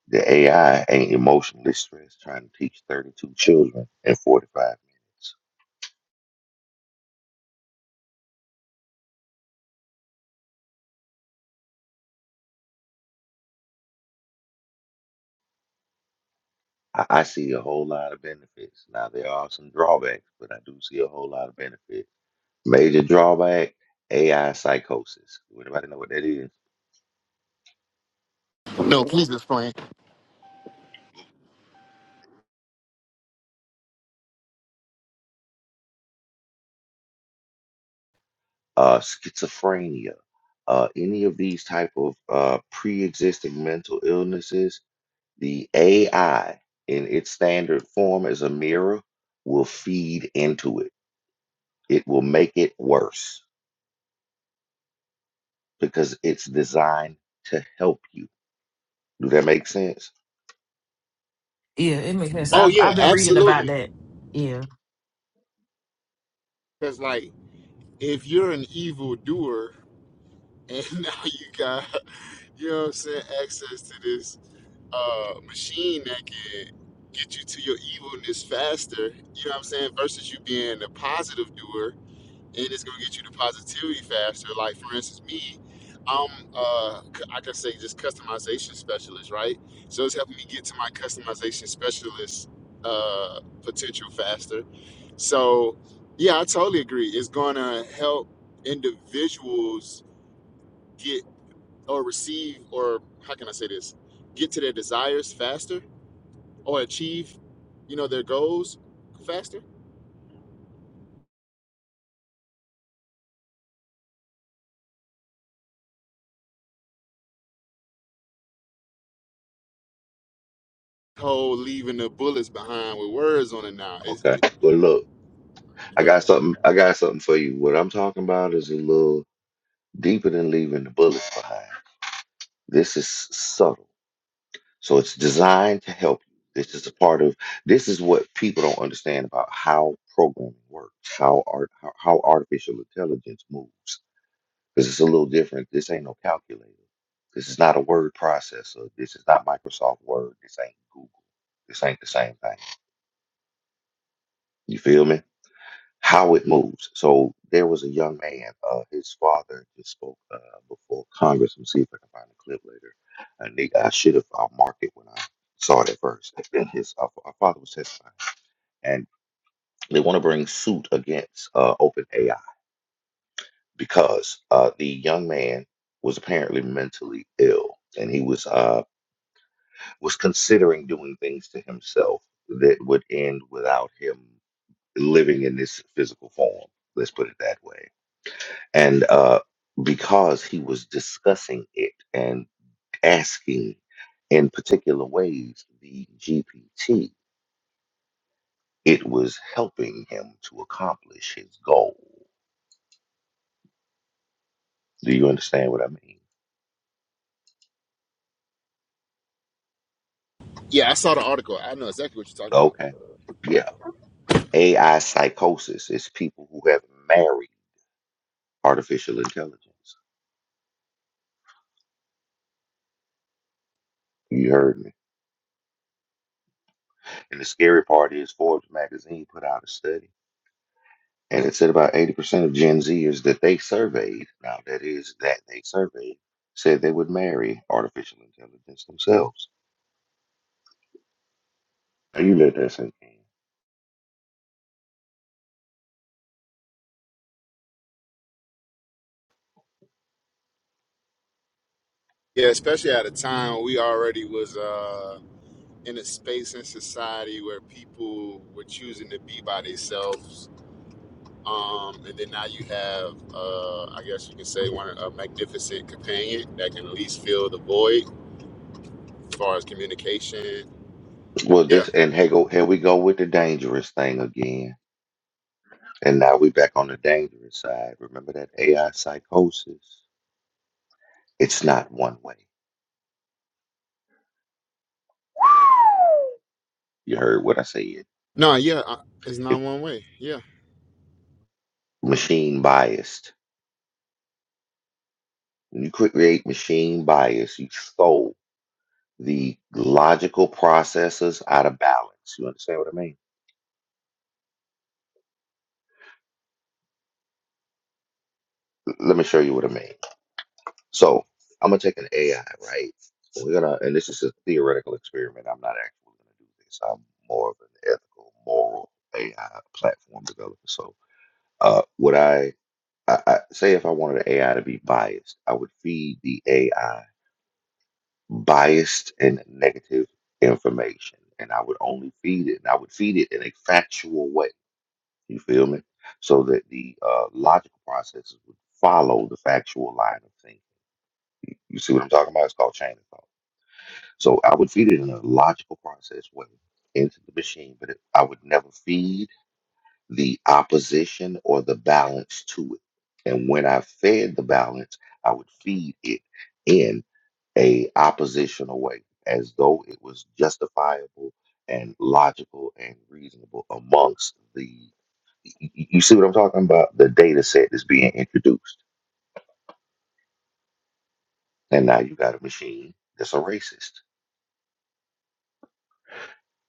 S5: The AI ain't emotionally stressed trying to teach 32 children in 45 minutes. I, I see a whole lot of benefits. Now, there are some drawbacks, but I do see a whole lot of benefits. Major drawback AI psychosis. Would anybody know what that is?
S9: No, please explain.
S5: Uh, schizophrenia. Uh, any of these type of uh, pre-existing mental illnesses, the AI in its standard form as a mirror will feed into it. It will make it worse because it's designed to help you. Do that make sense?
S2: Yeah, it makes sense.
S9: Oh
S2: I've
S9: yeah,
S2: I've been reading about
S9: absolutely.
S2: that. Yeah.
S9: Because like, if you're an evil doer, and now you got, you know what I'm saying, access to this. uh, machine that can get you to your evilness faster, you know what I'm saying, versus you being a positive doer and it's gonna get you to positivity faster. Like for instance, me, I'm uh c- I can say just customization specialist, right? So it's helping me get to my customization specialist uh potential faster. So yeah, I totally agree. It's gonna help individuals get or receive or how can I say this? Get to their desires faster or achieve, you know, their goals faster. Whole leaving the bullets behind with words on it now. It's,
S5: Okay.
S9: it,
S5: Well, look, I
S9: go
S5: got
S9: ahead.
S5: something. I got something for you. What I'm talking about is a little deeper than leaving the bullets behind. This is subtle, so it's designed to help you. This is a part of. This is what people don't understand about how programming works, how art, how, how artificial intelligence moves. Because it's a little different. This ain't no calculator. This is not a word processor. This is not Microsoft Word. This ain't Google. This ain't the same thing You feel me? How it moves. So there was a young man. Uh, his father just spoke uh, before Congress. Let me see if I can find the clip later. A nigga, I should have. I'll it when I saw it at first. And His uh, our father was testifying, and they want to bring suit against uh, OpenAI because uh, the young man was apparently mentally ill, and he was uh, was considering doing things to himself that would end without him living in this physical form. Let's put it that way and uh, because he was discussing it and asking in particular ways the GPT, it was helping him to accomplish his goal. Do you understand what I mean?
S9: Yeah, I saw the article. I know exactly what you're talking about.
S5: Okay. Yeah. AI psychosis is people who have married artificial intelligence. You heard me. And the scary part is Forbes magazine put out a study And it said about 80% of Gen Zers that they surveyed, now that is, that they surveyed, said they would marry artificial intelligence themselves. Now you let that sink in.
S9: Yeah, especially at a time when we already was uh, in a space in society where people were choosing to be by themselves. Um, and then now you have, uh, I guess you can say, one a magnificent companion that can at least fill the void as far as communication.
S5: Well,
S9: Yeah.
S5: this, and hey, go, here we go with the dangerous thing again. And now we back on the dangerous side. Remember that AI psychosis? It's not one way. You heard what I said.
S9: No, yeah, I, it's not
S5: If
S9: one way. Yeah.
S5: machine biased, when you create machine bias, you throw the logical processes out of balance. You understand what I mean? let me show you what I mean. So I'm gonna take an AI, right? So, We're gonna, and this is a theoretical experiment. I'm not actually gonna do this. I'm more of an ethical, moral AI platform developer. So, uh, would I, I, I say if I wanted an AI to be biased, I would feed the AI biased and negative information, and I would only feed it, and I would feed it in a factual way. You feel me? So that the uh, logical processes would follow the factual line of thinking You see what I'm talking about? It's called chain of thought. So I would feed it in a logical process way into the machine, but it, I would never feed the opposition or the balance to it. And when I fed the balance, I would feed it in a oppositional way, as though it was justifiable and logical and reasonable amongst the. y- y- You see what I'm talking about? The data set is being introduced, and now you got a machine that's a racist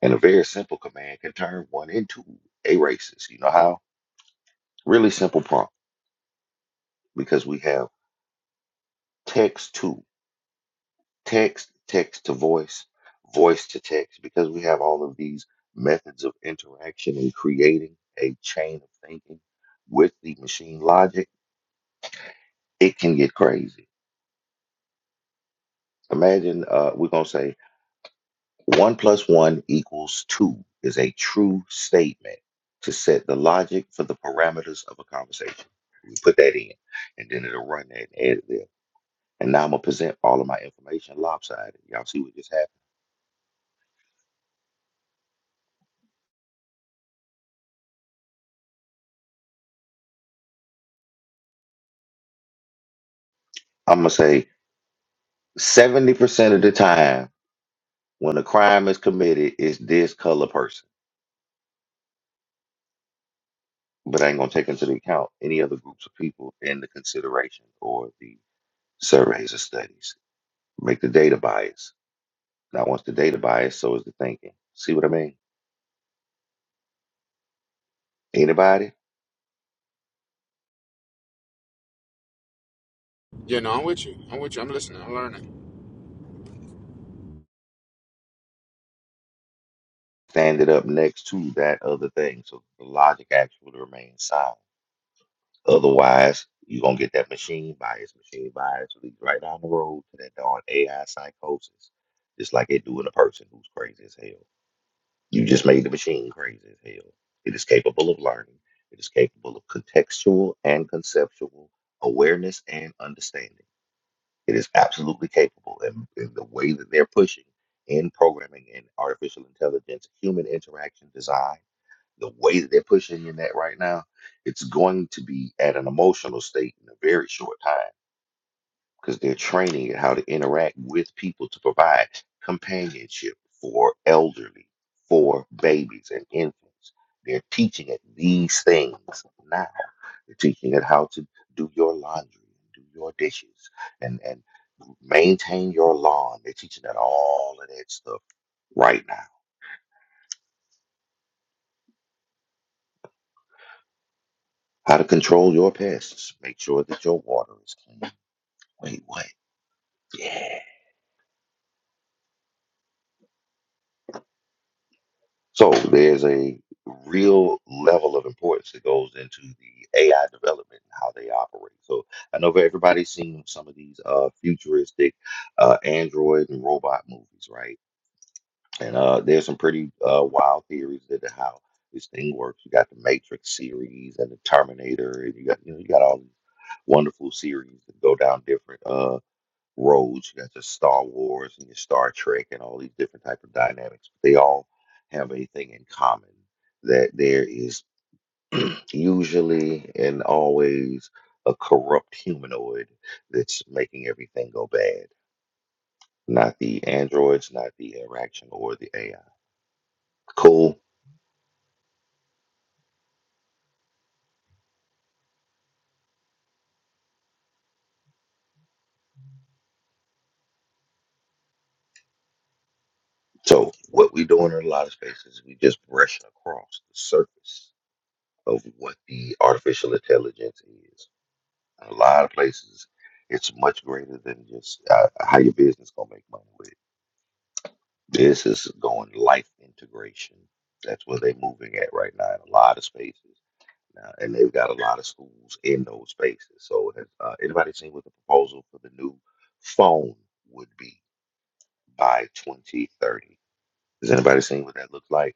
S5: And a very simple command can turn one into a racist. You know how? Really simple prompt because we have text to text, text to voice, voice to text, because we have all of these methods of interaction and creating a chain of thinking with the machine logic, it can get crazy. Imagine uh, we're going to say One plus one equals two is a true statement to set the logic for the parameters of a conversation. We put that in, and then it'll run that and add it there. And now I'm gonna present all of my information lopsided. Y'all see what just happened? I'm gonna say 70% of the time when a crime is committed, it's this color person. But I ain't gonna take into the account any other groups of people in the consideration or the surveys or studies. Make the data bias. Now once the data bias, so is the thinking. See what I mean? Anybody?
S9: Yeah, no, I'm with you. I'm with you. I'm listening. I'm learning.
S5: Stand it up next to that other thing so the logic actually remains sound. Otherwise, you're going to get that machine bias. Machine bias leads right down the road to that darn AI psychosis, just like it do in a person who's crazy as hell. You just made the machine crazy as hell. It is capable of learning, it is capable of contextual and conceptual awareness and understanding. It is absolutely capable. And, and the way that they're pushing in programming and artificial intelligence, human interaction design, the way that they're pushing in that right now, it's going to be at an emotional state in a very short time because they're training it how to interact with people to provide companionship for elderly, for babies and infants. They're teaching it these things now. They're teaching it how to do your laundry, do your dishes, and and maintain your lawn. They're teaching it all of that stuff right now. How to control your pests. Make sure that your water is clean. Wait, what? Yeah. So there's a real level of importance that goes into the AI development and how they operate. So I know that everybody's seen some of these uh, futuristic uh, android and robot movies, right? And uh, there's some pretty uh, wild theories that are how this thing works. You got the Matrix series and the Terminator, and you got you know you got all these wonderful series that go down different uh, roads. You got your Star Wars and your Star Trek and all these different type of dynamics. They all have a thing in common that there is usually and always a corrupt humanoid that's making everything go bad. Not the androids, not the interaction or the AI. Cool. So what we doing in a lot of spaces, we just brushing across the surface of what the artificial intelligence is In a lot of places, it's much greater than just uh, how your business gonna make money with. it. This is going life integration. That's where they're moving at right now in a lot of spaces now, and they've got a lot of schools in those spaces. So, has uh, anybody seen what the proposal for the new phone would be by 2030? Has anybody seen what that looks like?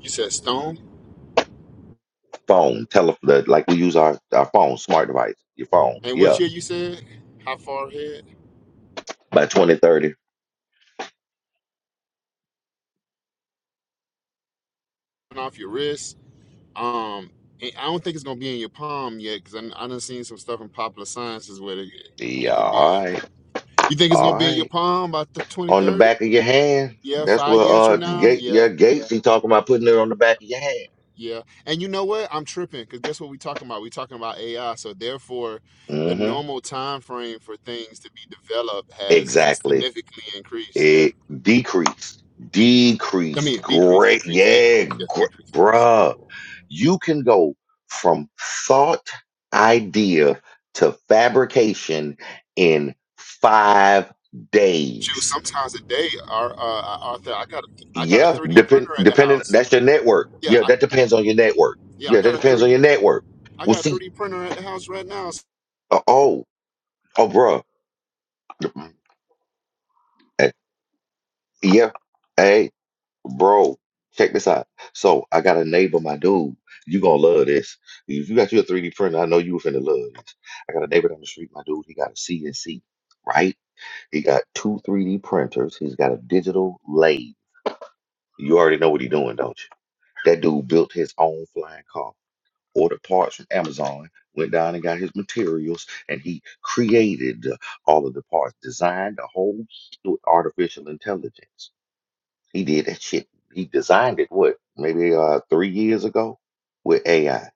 S9: You said stone.
S5: Phone, tele, the, like we use our our phone, smart device, your phone.
S9: And what
S5: Yeah,
S9: year you said? How far ahead?
S5: by 2030.
S9: Coming Off your wrist. Um, and I don't think it's gonna be in your palm yet because I, I done seen some stuff in popular sciences where it,
S5: Yeah,
S9: it could be in your.
S5: all right,
S9: You think it's gonna
S5: all
S9: be in your
S5: right.
S9: palm by the
S5: on the
S9: 2030?
S5: back of your hand.
S9: Yeah,
S5: That's
S9: five
S5: what
S9: years
S5: uh
S9: from now.
S5: gate
S9: Yeah,
S5: yeah
S9: yeah,
S5: Gates he talking about putting it on the back of your hand.
S9: yeah. And you know what? I'm tripping because guess what we talking about? We talking about AI. So therefore, the
S5: hmm
S9: normal time frame for things to be developed has
S5: Exactly.
S9: significantly increased. Yeah.
S5: It decreased,
S9: I
S5: decreased.
S9: mean, decrease,
S5: Great,
S9: decrease,
S5: yeah,
S9: decrease. Yes,
S5: gr-
S9: decrease.
S5: bruh. You can go from thought idea to fabrication in five
S9: Shoot,
S5: days.
S9: sometimes a day, our uh, Arthur, I got a, I got a
S5: Yeah,
S9: 3D
S5: depend
S9: printer at the
S5: depending.
S9: house.
S5: That's your network.
S9: Yeah,
S5: Yeah,
S9: I,
S5: that depends on your network.
S9: yeah, I
S5: Yeah, that
S9: got a
S5: depends on
S9: 3D,
S5: your network.
S9: I
S5: Well,
S9: got a
S5: see,
S9: 3D printer at the house right now.
S5: uh, oh, oh, bruh. Eh, Yeah. Hey, bro, check this out. So I got a neighbor, my dude. You gonna love this. If you got your 3D printer, I know you finna love this. I got a neighbor down the street, my dude. He got a CNC, right? He got two 3D printers. He's got a digital lathe. You already know what he doing, don't you? That dude built his own flying car. Ordered parts from Amazon, went down and got his materials, and he created all of the parts, designed the whole through artificial intelligence. He did that shit. He designed it, what, maybe uh, three years ago with AI. I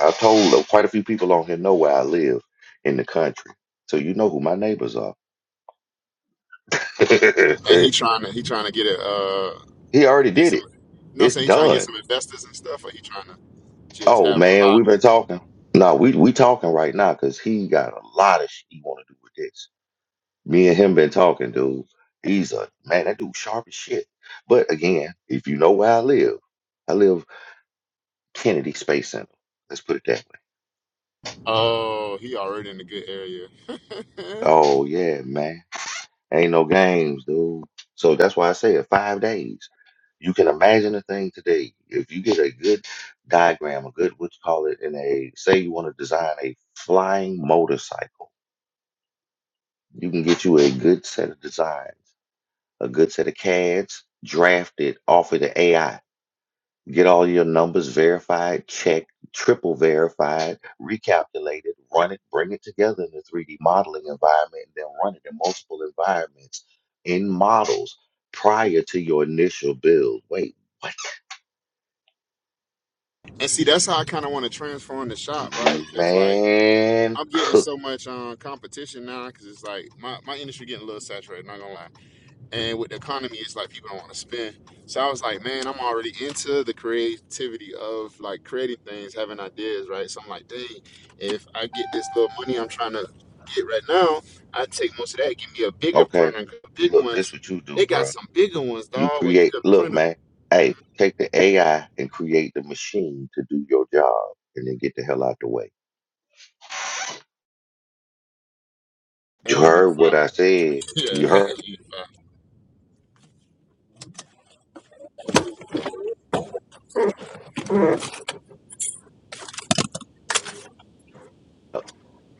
S5: I told uh, quite a few people on here know where I live in the country. So you know who my neighbors are.
S9: And he trying to, he trying to get a, uh,
S5: he already
S9: get
S5: did
S9: some,
S5: it.
S9: you know, what I'm
S5: It's
S9: saying he trying to get
S5: done.
S9: some investors and stuff, or he trying to just
S5: Oh,
S9: have a
S5: man, we've
S9: hobby.
S5: been talking. No, we we talking right now because he got a lot of shit he want to do with this. Me and him been talking, dude. He's a, man, that dude sharp as shit. But again, if you know where I live, I live Kennedy Space Center. Let's put it that way.
S9: Oh, he already in the good area.
S5: Oh yeah, man. Ain't no games, dude. So that's why I said five days. You can imagine a thing today. If you get a good diagram, a good what you call it, in a say you want to design a flying motorcycle, you can get you a good set of design, a good set of CADs drafted off of the AI. Get all your numbers verified, checked, triple verified, recalculated, run it, bring it together in the 3D modeling environment, and then run it in multiple environments in models prior to your initial build. Wait, what?
S9: And see, that's how I kind of want to transform the shop, right? It's like
S5: Man,
S9: I'm getting
S5: cook.
S9: so much um, competition now, because it's like my, my industry getting a little saturated. Not gonna lie, and with the economy it's like people don't want to spend so i was like man i'm already into the creativity of like creating things having ideas right so i'm like dang if i get this little money i'm trying to get right now i take most of that give me a bigger
S5: Okay,
S9: printer 'cause big
S5: look, this
S9: ones
S5: what you do,
S9: they got
S5: bro.
S9: some bigger ones
S5: You
S9: dog where you
S5: create,
S9: could
S5: look,
S9: print them
S5: man, hey, take the AI and create the machine to do your job and then get the hell out the way. You
S9: that'd be
S5: heard
S9: fine
S5: what I said.
S9: yeah
S5: You heard.
S9: that'd be fine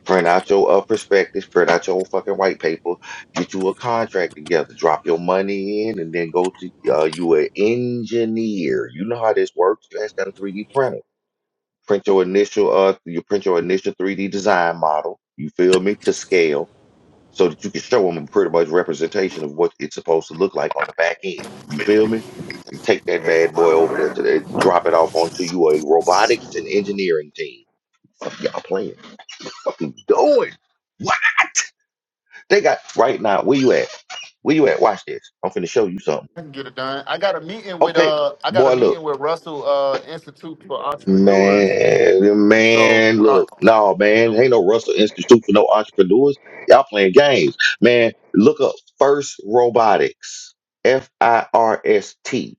S5: Print out your uh, perspectives, print out your fucking white paper, get you a contract together, drop your money in, and then go to uh, you an engineer. You know how this works. You ask that a 3D printer. Print your initial uh you print your initial 3D design model, you feel me, to scale so that you can show them a pretty much representation of what it's supposed to look like on the back end. You feel me? And take that bad boy over there to the- drop it off onto you a robotics and engineering team. Fuck y'all playing. Fucking doing. They got right now. Where you at? Where you at? Watch this. I'm finna show you something.
S9: I can get it done. I got a meeting with
S5: Okay,
S9: uh, I got a
S5: boy,
S9: meeting
S5: look,
S9: with Russell uh Institute for Entrepreneurs.
S5: man,
S9: So
S5: man,
S9: uh,
S5: look, no, man, ain't no Russell Institute for no entrepreneurs. Y'all playing games, man. Look up First Robotics, F I R S T.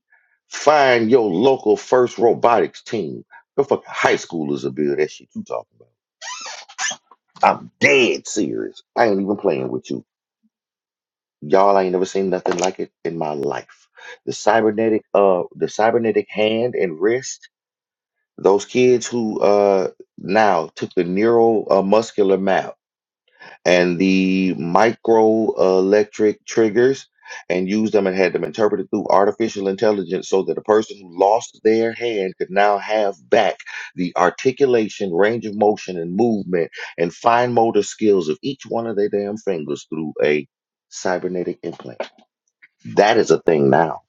S5: Find your local First Robotics team. The fucking high schoolers will build that shit you talking about. I'm dead serious. I ain't even playing with you. Y'all, I ain't never seen nothing like it in my life. The cybernetic, uh, the cybernetic hand and wrist. Those kids who uh now took the neural uh, muscular map and the micro uh, electric triggers and used them and had them interpreted through artificial intelligence so that a person who lost their hand could now have back the articulation, range of motion, and movement and fine motor skills of each one of their damn fingers through a cybernetic implant. That is a thing now.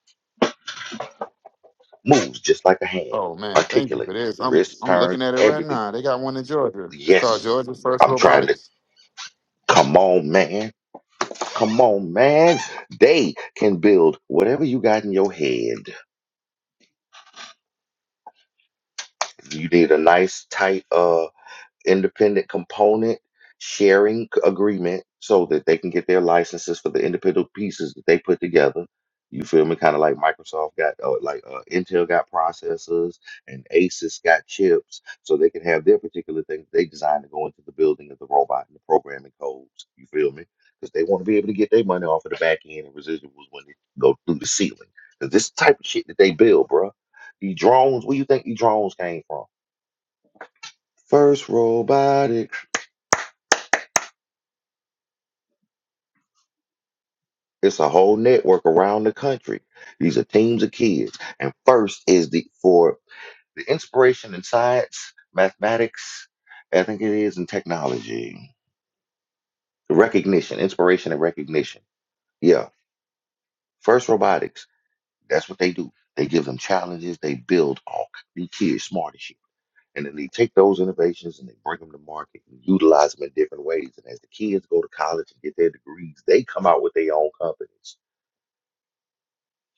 S5: Moves just like a hand,
S9: Oh man, thank you for
S5: articulates,
S9: this. I'm
S5: wrist
S9: I'm looking
S5: turns,
S9: at it right
S5: everything.
S9: now. They got one in Georgia. It's called
S5: Yes,
S9: Georgia First
S5: I'm trying to.
S9: Robotics.
S5: Come on, man. Come on, man. They can build whatever you got in your head. You need a nice, tight, uh. independent component sharing c- agreement so that they can get their licenses for the individual pieces that they put together. You feel me? Kind of like Microsoft got, uh, like uh, Intel got processors and Asus got chips, so they can have their particular things they design to go into the building of the robot and the programming codes. You feel me? Because they want to be able to get their money off of the back end and residuals when they go through the ceiling. Because this is the type of shit that they build, bruh. The drones, where you think the drones came from? First robotic. It's a whole network around the country. These are teams of kids. And first is the for the inspiration in science, mathematics, I think it is in technology. Recognition, inspiration and recognition. Yeah. First robotics, that's what they do. They give them challenges, they build all these kids smart as shit. And then they take those innovations and they bring them to market and utilize them in different ways. And as the kids go to college and get their degrees, they come out with their own companies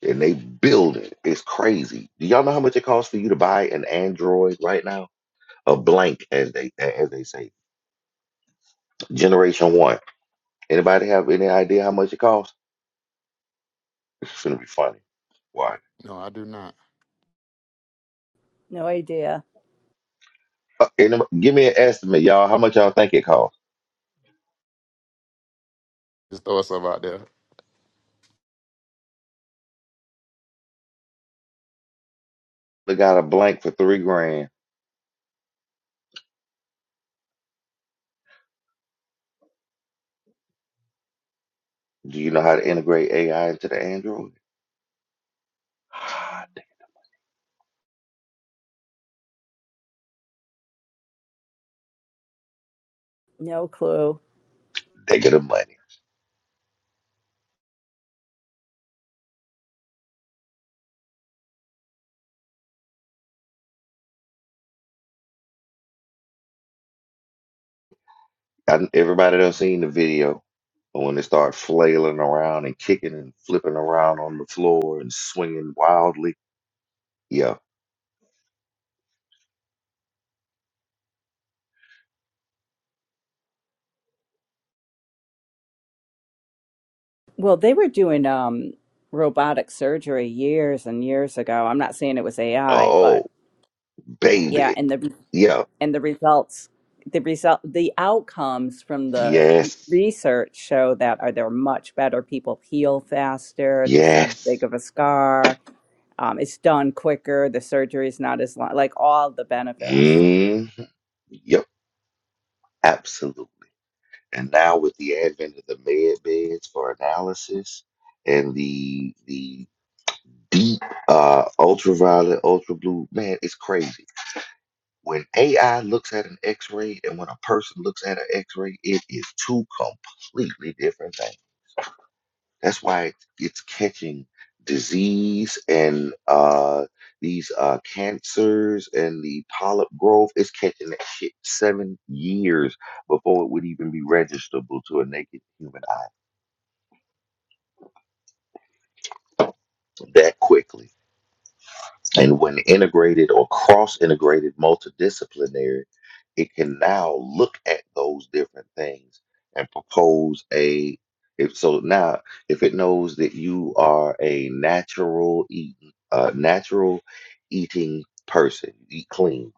S5: and they build it. It's crazy. Do y'all know how much it costs for you to buy an Android right now? A blank, as they as they say, Generation One. Anybody have any idea how much it costs? It's gonna be funny. Why?
S9: No, I do not.
S4: No idea.
S5: Uh, any- give me an estimate, y'all. How much y'all think it costs?
S9: Just throw stuff out there.
S5: They got a blank for three grand. Do you know how to integrate AI into the Android?
S4: No clue.
S5: They get the money. I, everybody done seen the video but when they start flailing around and kicking and flipping around on the floor and swinging wildly. Yeah.
S4: Well, they were doing um robotic surgery years and years ago. I'm not saying it was AI, but
S5: Oh,
S4: yeah,
S5: baby.
S4: and the
S5: Yeah.
S4: and the results the result the outcomes from the
S5: Yes.
S4: research show that are they're much better. People heal faster. There's not as big
S5: Yes.
S4: of a scar. Um, it's done quicker. The surgery is not as long. Like all the benefits.
S5: Mm. Yep. Absolutely. And now with the advent of the med beds for analysis and the the deep uh ultraviolet, ultra blue, man, it's crazy. When AI looks at an X-ray and when a person looks at an X-ray, it is two completely different things. That's why it- it's catching disease and uh, these uh, cancers and the polyp growth. It's catching that shit seven years before it would even be registerable to a naked human eye that quickly. And when integrated or cross integrated multidisciplinary, it can now look at those different things and propose a if so now if it knows that you are a natural eat, uh, natural eating person, you eat clean,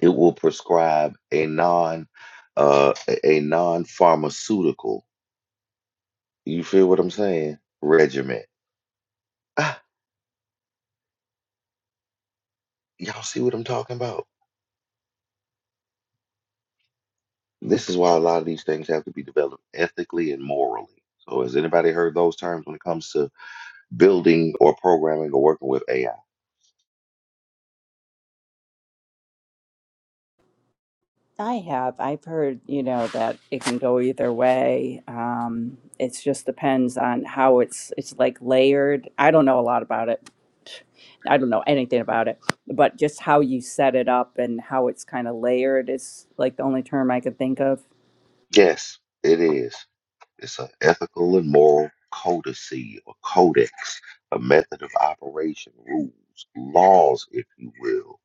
S5: it will prescribe a non uh, a non pharmaceutical. You feel what I'm saying? Regimen. Ah, y'all see what I'm talking about? This is why a lot of these things have to be developed ethically and morally. So, has anybody heard those terms when it comes to building or programming or working with AI?
S4: I have. I've heard, you know, that it can go either way. Um, it just depends on how it's it's like layered. I don't know a lot about it. I don't know anything about it, but just how you set it up and how it's kind of layered is like the only term I could think of.
S5: Yes, it is. It's an ethical and moral codicy or codex, a method of operation, rules, laws, if you will.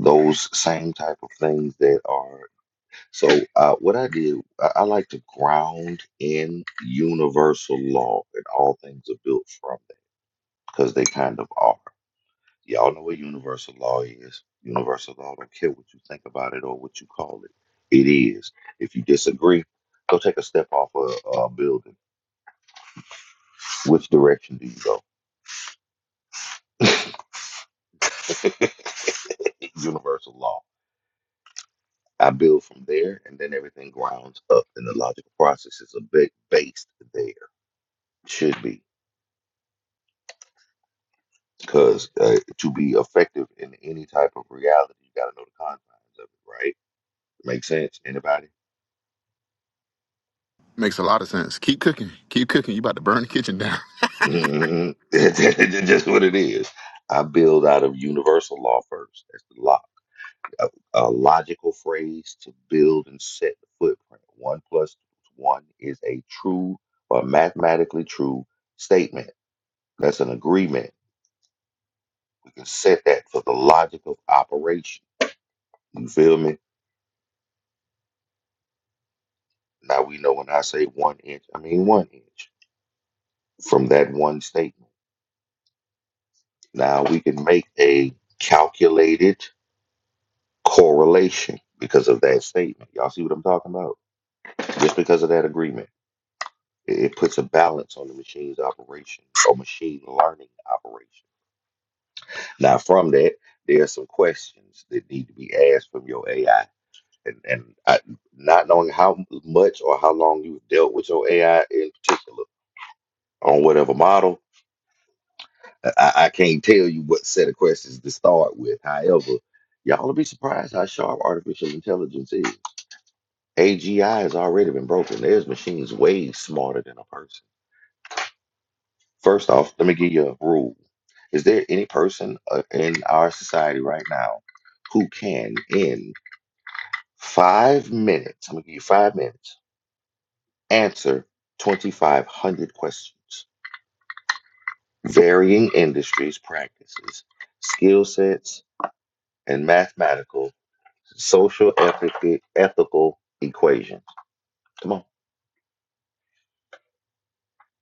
S5: Those same type of things that are So uh, what I did, I, I like to ground in universal law, and all things are built from that because they kind of are. Y'all know what universal law is. Universal law don't care what you think about it or what you call it. It is. If you disagree, go take a step off a, a building. Which direction do you go? It's Universal law. I build from there, and then everything grounds up, and the logical processes are ba- based there. Should be. Because uh, to be effective in any type of reality, you got to know the confines of it, right? Make sense? Anybody?
S9: Makes a lot of sense. Keep cooking. Keep cooking. You about to burn the kitchen down.
S5: Mhm. That's just what it is. I build out of universal law first. That's the lo- a, a logical phrase to build and set the footprint. One plus one is a true or mathematically true statement. That's an agreement. We can set that for the logic of operation. You feel me? Now we know when I say one inch, I mean one inch. from that one statement. Now we can make a calculated correlation because of that statement. Y'all see what I'm talking about? Just because of that agreement, it it puts a balance on the machine's operation or machine learning operation. Now, from that, there are some questions that need to be asked from your AI. And, and I, not knowing how much or how long you've dealt with your AI in particular on whatever model, I, I can't tell you what set of questions to start with. However, y'all will be surprised how sharp artificial intelligence is. AGI has already been broken. There's machines way smarter than a person. First off, let me give you a rule. Is there any person uh, in our society right now who can, in five minutes, I'm going to give you five minutes, answer 2,500 questions? Varying industries, practices, skill sets, and mathematical Social ethic, ethical equation. Come on.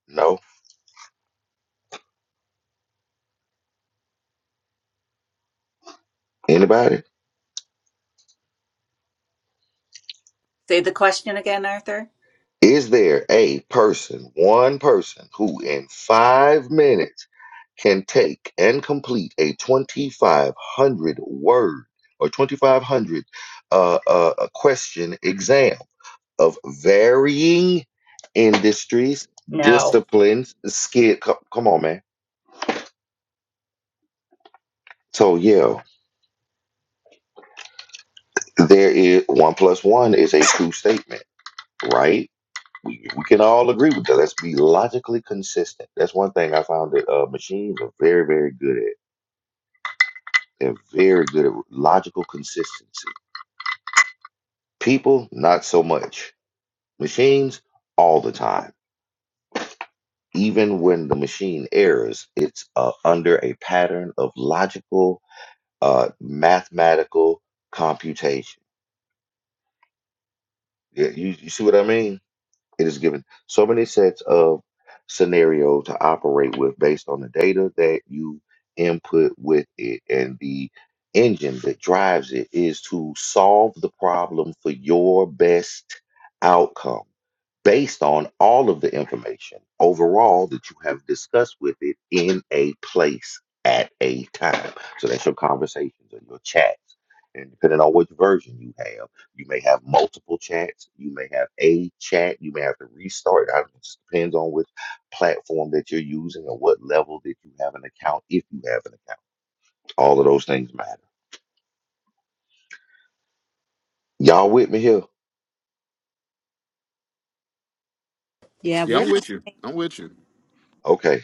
S5: No. Anybody?
S4: Say the question again, Arthur.
S5: Is there a person, one person, who in five minutes can take and complete a 2,500 word or 2,500 uh, uh, uh, a question exam of varying industries,
S4: No.
S5: disciplines, skill? co- Come on, man. So, yeah, there is one plus one is a true statement, right? We, we can all agree with that. Let's be logically consistent. That's one thing I found that uh, machines are very, very good at. They're very good at logical consistency. People, not so much. Machines, all the time. Even when the machine errs, it's uh, under a pattern of logical, uh, mathematical computation. Yeah, you, you see what I mean? It is given so many sets of scenarios to operate with based on the data that you input with it. And the engine that drives it is to solve the problem for your best outcome based on all of the information overall that you have discussed with it in a place at a time. So that's your conversations or your chats. And depending on which version you have you may have multiple chats. You may have a chat. You may have to restart. I- It just depends on which platform that you're using and what level that you have an account, if you have an account. All of those things matter. Y'all with me here?
S4: Yeah,
S9: yeah,
S4: we're
S9: I'm with you. I'm with you.
S5: Okay.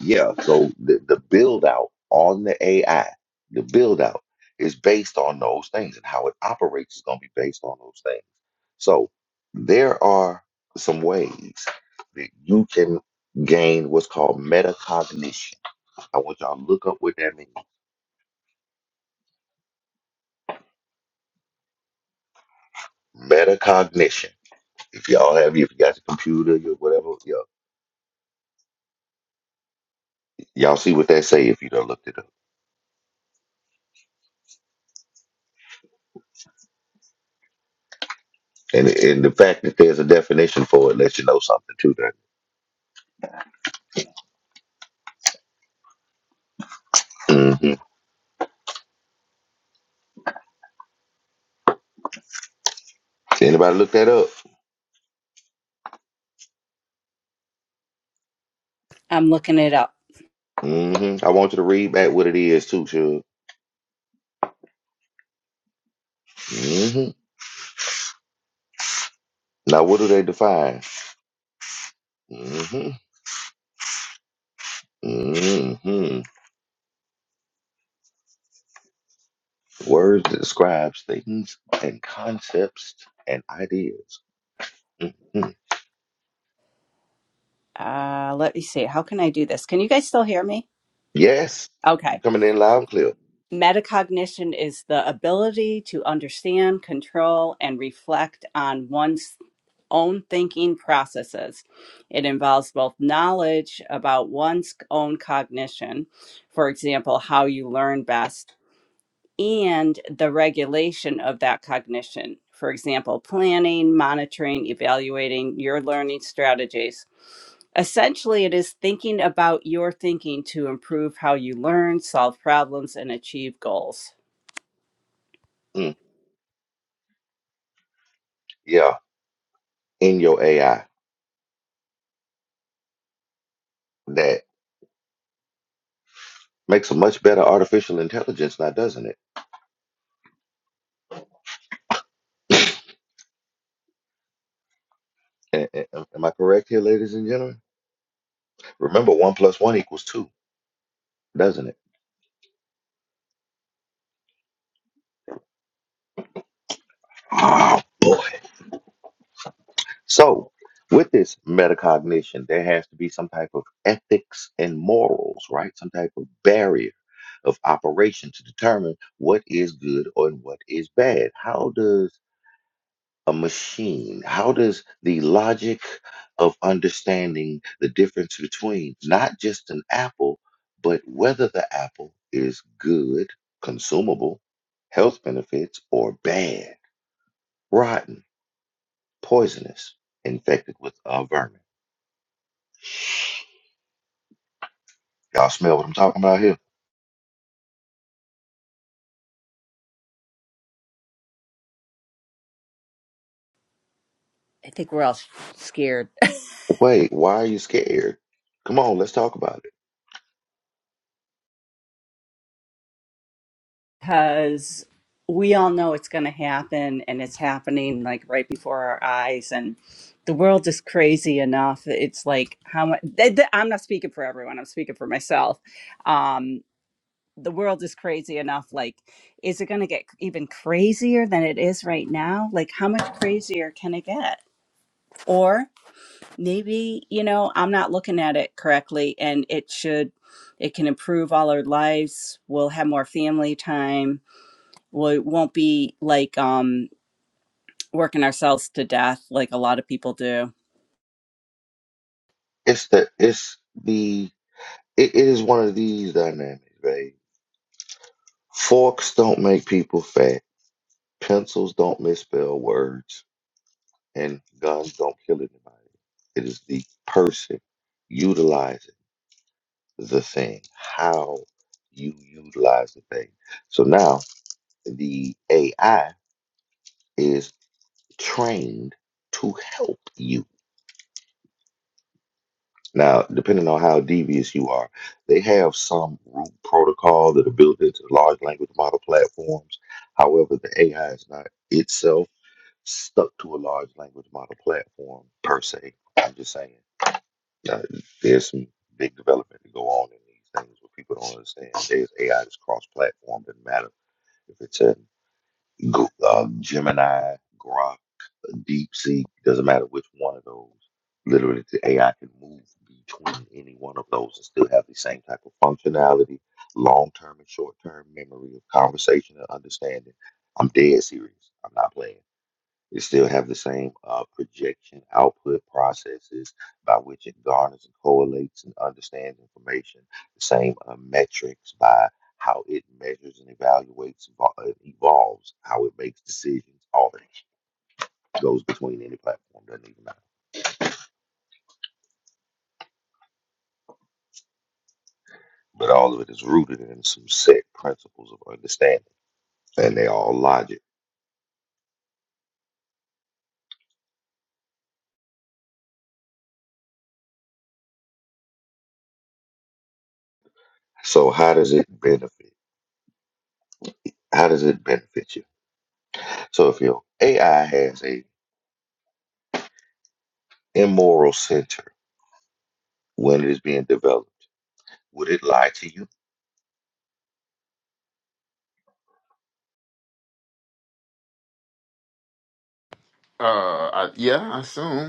S5: Yeah. So the, the build out on the AI, the build out is based on those things and how it operates is going to be based on those things. So there are some ways that you can gain what's called metacognition I want y'all to look up what that means. Metacognition. If y'all have, if you got your computer, your whatever, y'all, y'all see what that say if you don't looked it up. And and the fact that there's a definition for it lets you know something too. Then hmm anybody look that up?
S4: I'm looking it up.
S5: hmm I want you to read back what it is too, sure. hmm Now, what do they define? hmm hmm Words that describes things and concepts and ideas. hmm
S4: Uh let me see. How can I do this? Can you guys still hear me?
S5: Yes,
S4: Okay.
S5: you coming in loud and clear.
S4: Metacognition is the ability to understand, control, and reflect on one's own thinking processes. It involves both knowledge about one's own cognition, for example, how you learn best, and the regulation of that cognition, for example, planning, monitoring, evaluating your learning strategies. Essentially, it is thinking about your thinking to improve how you learn, solve problems, and achieve goals.
S5: Mm. Yeah, in your AI that makes a much better artificial intelligence now, doesn't it? A- a- Am am I correct here, ladies and gentlemen? Remember, one plus one equals two, doesn't it? Oh, boy. So, with this metacognition, there has to be some type of ethics and morals, right? Some type of barrier of operation to determine what is good and what is bad. How does a machine? How does the logic of understanding the difference between not just an apple, but whether the apple is good, consumable, health benefits, or bad, rotten, poisonous, infected with a vermin? Y'all smell what I'm talking about here?
S4: I think we're all sh- scared
S5: Wait, why are you scared? Come on, let's talk about it.
S4: because we all know it's going to happen and it's happening like right before our eyes. And the world is crazy enough. It's like how much th- th- I'm not speaking for everyone, I'm speaking for myself. Um, the world is crazy enough. Like, is it going to get even crazier than it is right now? Like, how much crazier can it get? Or maybe you know i'm not looking at it correctly and it should it can improve all our lives we'll have more family time we won't be like um working ourselves to death like a lot of people do
S5: It's the it's the it, it is one of these dynamics, babe. Forks don't make people fat Pencils don't misspell words, and guns don't kill anybody. It is the person utilizing the thing, how you utilize the thing. So now the AI is trained to help you. Now, depending on how devious you are, they have some root protocol that are built into the large language model platforms. However, the AI is not itself. stuck to a large language model platform per se. I'm just saying uh, there's some big development to go on in these things where people don't understand. There's AI that's cross-platform. Doesn't matter if it's a Go- uh, Gemini, Grok, DeepSeek. Doesn't matter which one of those. Literally, the AI can move between any one of those and still have the same type of functionality, long-term and short-term memory of conversation and understanding. I'm dead serious. I'm not playing it still have the same uh, projection output processes by which it garners and correlates and understands information, the same uh, metrics by how it measures and evaluates, evol- uh, evolves, how it makes decisions, all that goes between any platform, doesn't even matter. But all of it is rooted in some set principles of understanding, and they all logic. So how does it benefit? How does it benefit you? So if your AI has a immoral center when it is being developed, Would it lie to you?
S9: Uh, I, yeah, I assume.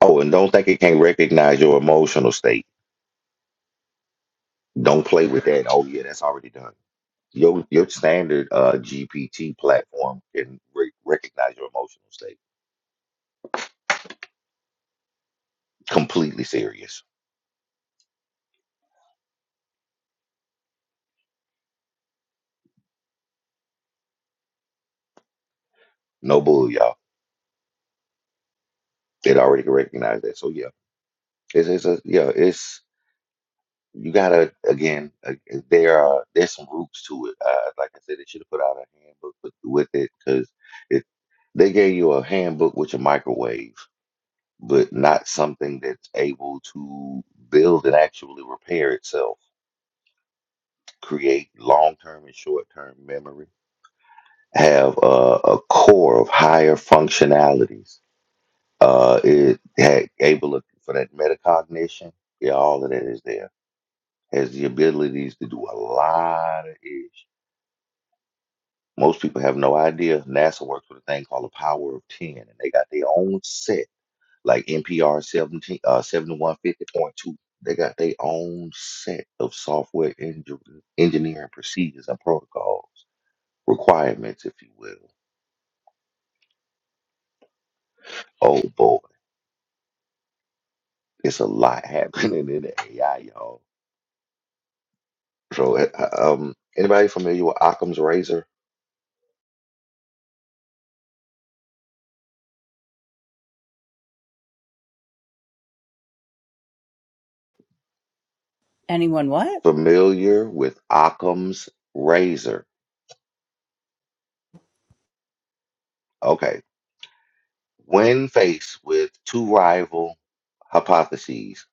S5: Oh, and don't think it can't recognize your emotional state. Don't play with that. Oh, yeah, that's already done. Your your standard uh, GPT platform can re- recognize your emotional state. Completely serious. No bull, y'all. It already can recognize that. So yeah, it's, it's a yeah. It's you gotta again. Uh, there are there's some roots to it. Uh, like I said, they should have put out a handbook with, with it because it they gave you a handbook with your microwave but not something that's able to build and actually repair itself, create long term and short term memory, have a, a core of higher functionalities. Uh, it had able to- for that metacognition. Yeah, all of that is there. Has the abilities to do a lot of ish. Most people have no idea. NASA works with a thing called the power of 10, and they got their own set like NPR 17, uh, 7150.2. They got their own set of software engi- engineering procedures and protocols, requirements, if you will. Oh boy, it's a lot happening in the AI, y'all. So, eh, uh, um, anybody familiar with Occam's razor?
S4: anyone what
S5: Familiar with Occam's razor? Okay. When faced with two rival hypotheses,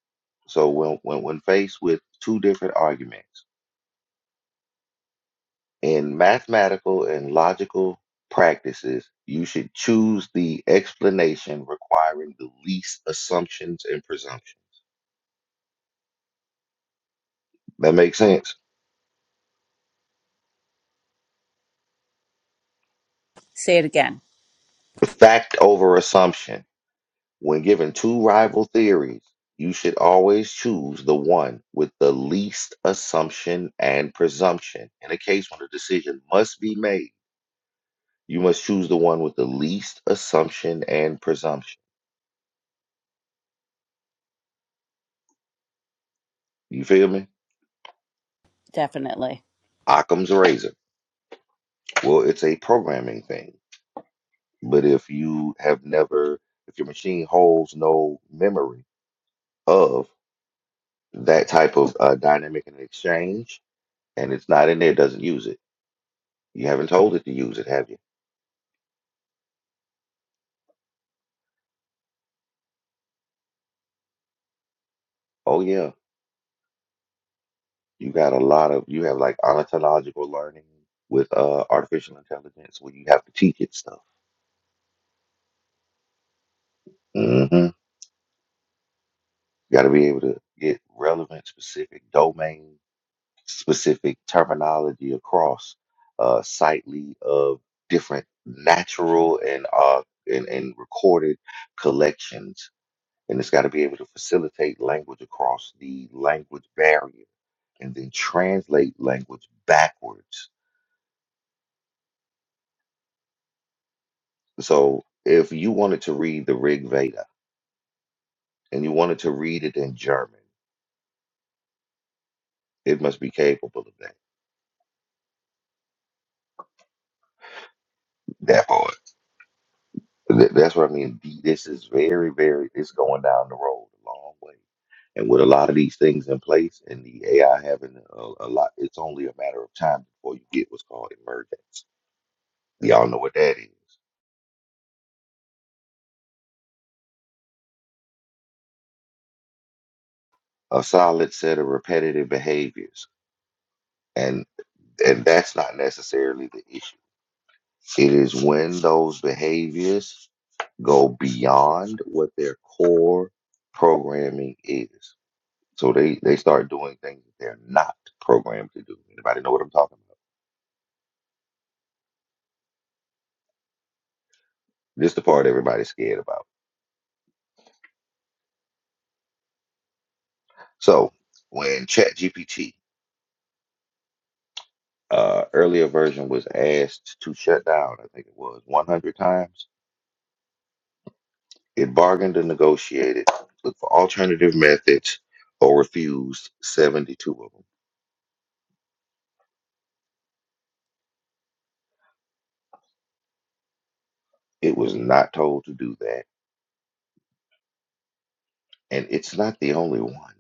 S5: so when, when when faced with two different arguments in mathematical and logical practices, you should choose the explanation requiring the least assumptions and presumption. That makes sense.
S4: say it again
S5: Fact over assumption. When given two rival theories, you should always choose the one with the least assumption and presumption. In a case when a decision must be made, you must choose the one with the least assumption and presumption. You feel me?
S4: definitely
S5: Occam's razor. Well, it's a programming thing But if you have never, if your machine holds no memory of that type of uh, dynamic and exchange, and it's not in there, it doesn't use it. You haven't told it to use it, have you? Oh yeah, you got a lot of you have like ontological learning with uh, artificial intelligence where you have to teach it stuff. hmm Got to be able to get relevant, specific domain specific terminology across uh, sightly of different natural and uh and, and recorded collections and it's got to be able to facilitate language across the language barrier and then translate language backwards so if you wanted to read the rig veda and you wanted to read it in german it must be capable of that That part. Th- That's what I mean. D- This is very, very, it's going down the road a long way. And with a lot of these things in place and the AI having a, a lot, it's only a matter of time before you get what's called emergence. Y'all know what that is. A solid set of repetitive behaviors. And and that's not necessarily the issue. It is when those behaviors go beyond what their core programming is. So they they start doing things that they're not programmed to do. Anybody know what I'm talking about? This the part everybody's scared about. So when ChatGPT uh, earlier version was asked to shut down, I think it was 100 times. It bargained and negotiated, looked for alternative methods, or refused 72 of them. It was not told to do that, and it's not the only one.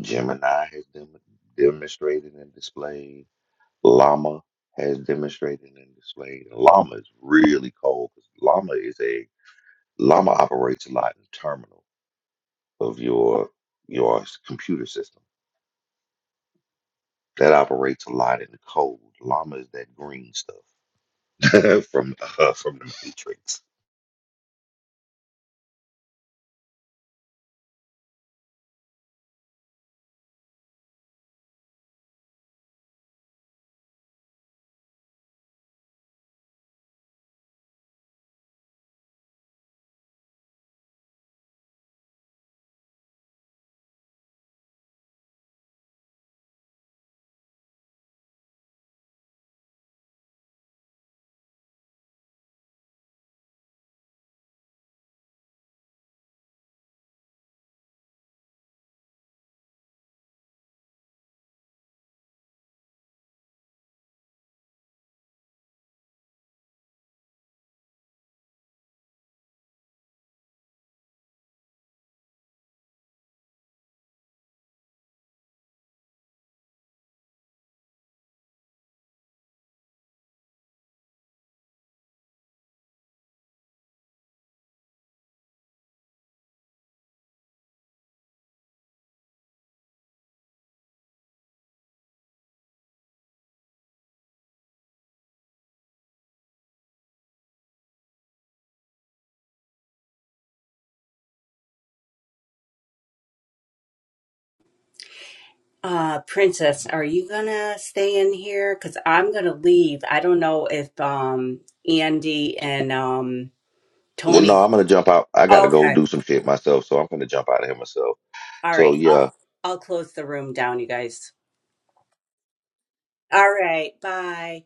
S5: Gemini has dem- demonstrated and displayed. Llama has demonstrated and displayed. Llama is really cold because Llama is a Llama operates a lot in the terminal of your your s- computer system. That operates a lot in the cold. Llama is that green stuff from uh, from the Matrix.
S4: Uh, Princess, are you gonna stay in here? Because I'm gonna leave. I don't know if um Andy and um
S5: Well,
S4: Tony.
S5: no, I'm gonna jump out. I gotta go
S4: Okay.
S5: do some shit myself, so I'm gonna jump out of here myself.
S4: All
S5: So
S4: right.
S5: yeah,
S4: I'll I'll close the room down, you guys. All right. Bye.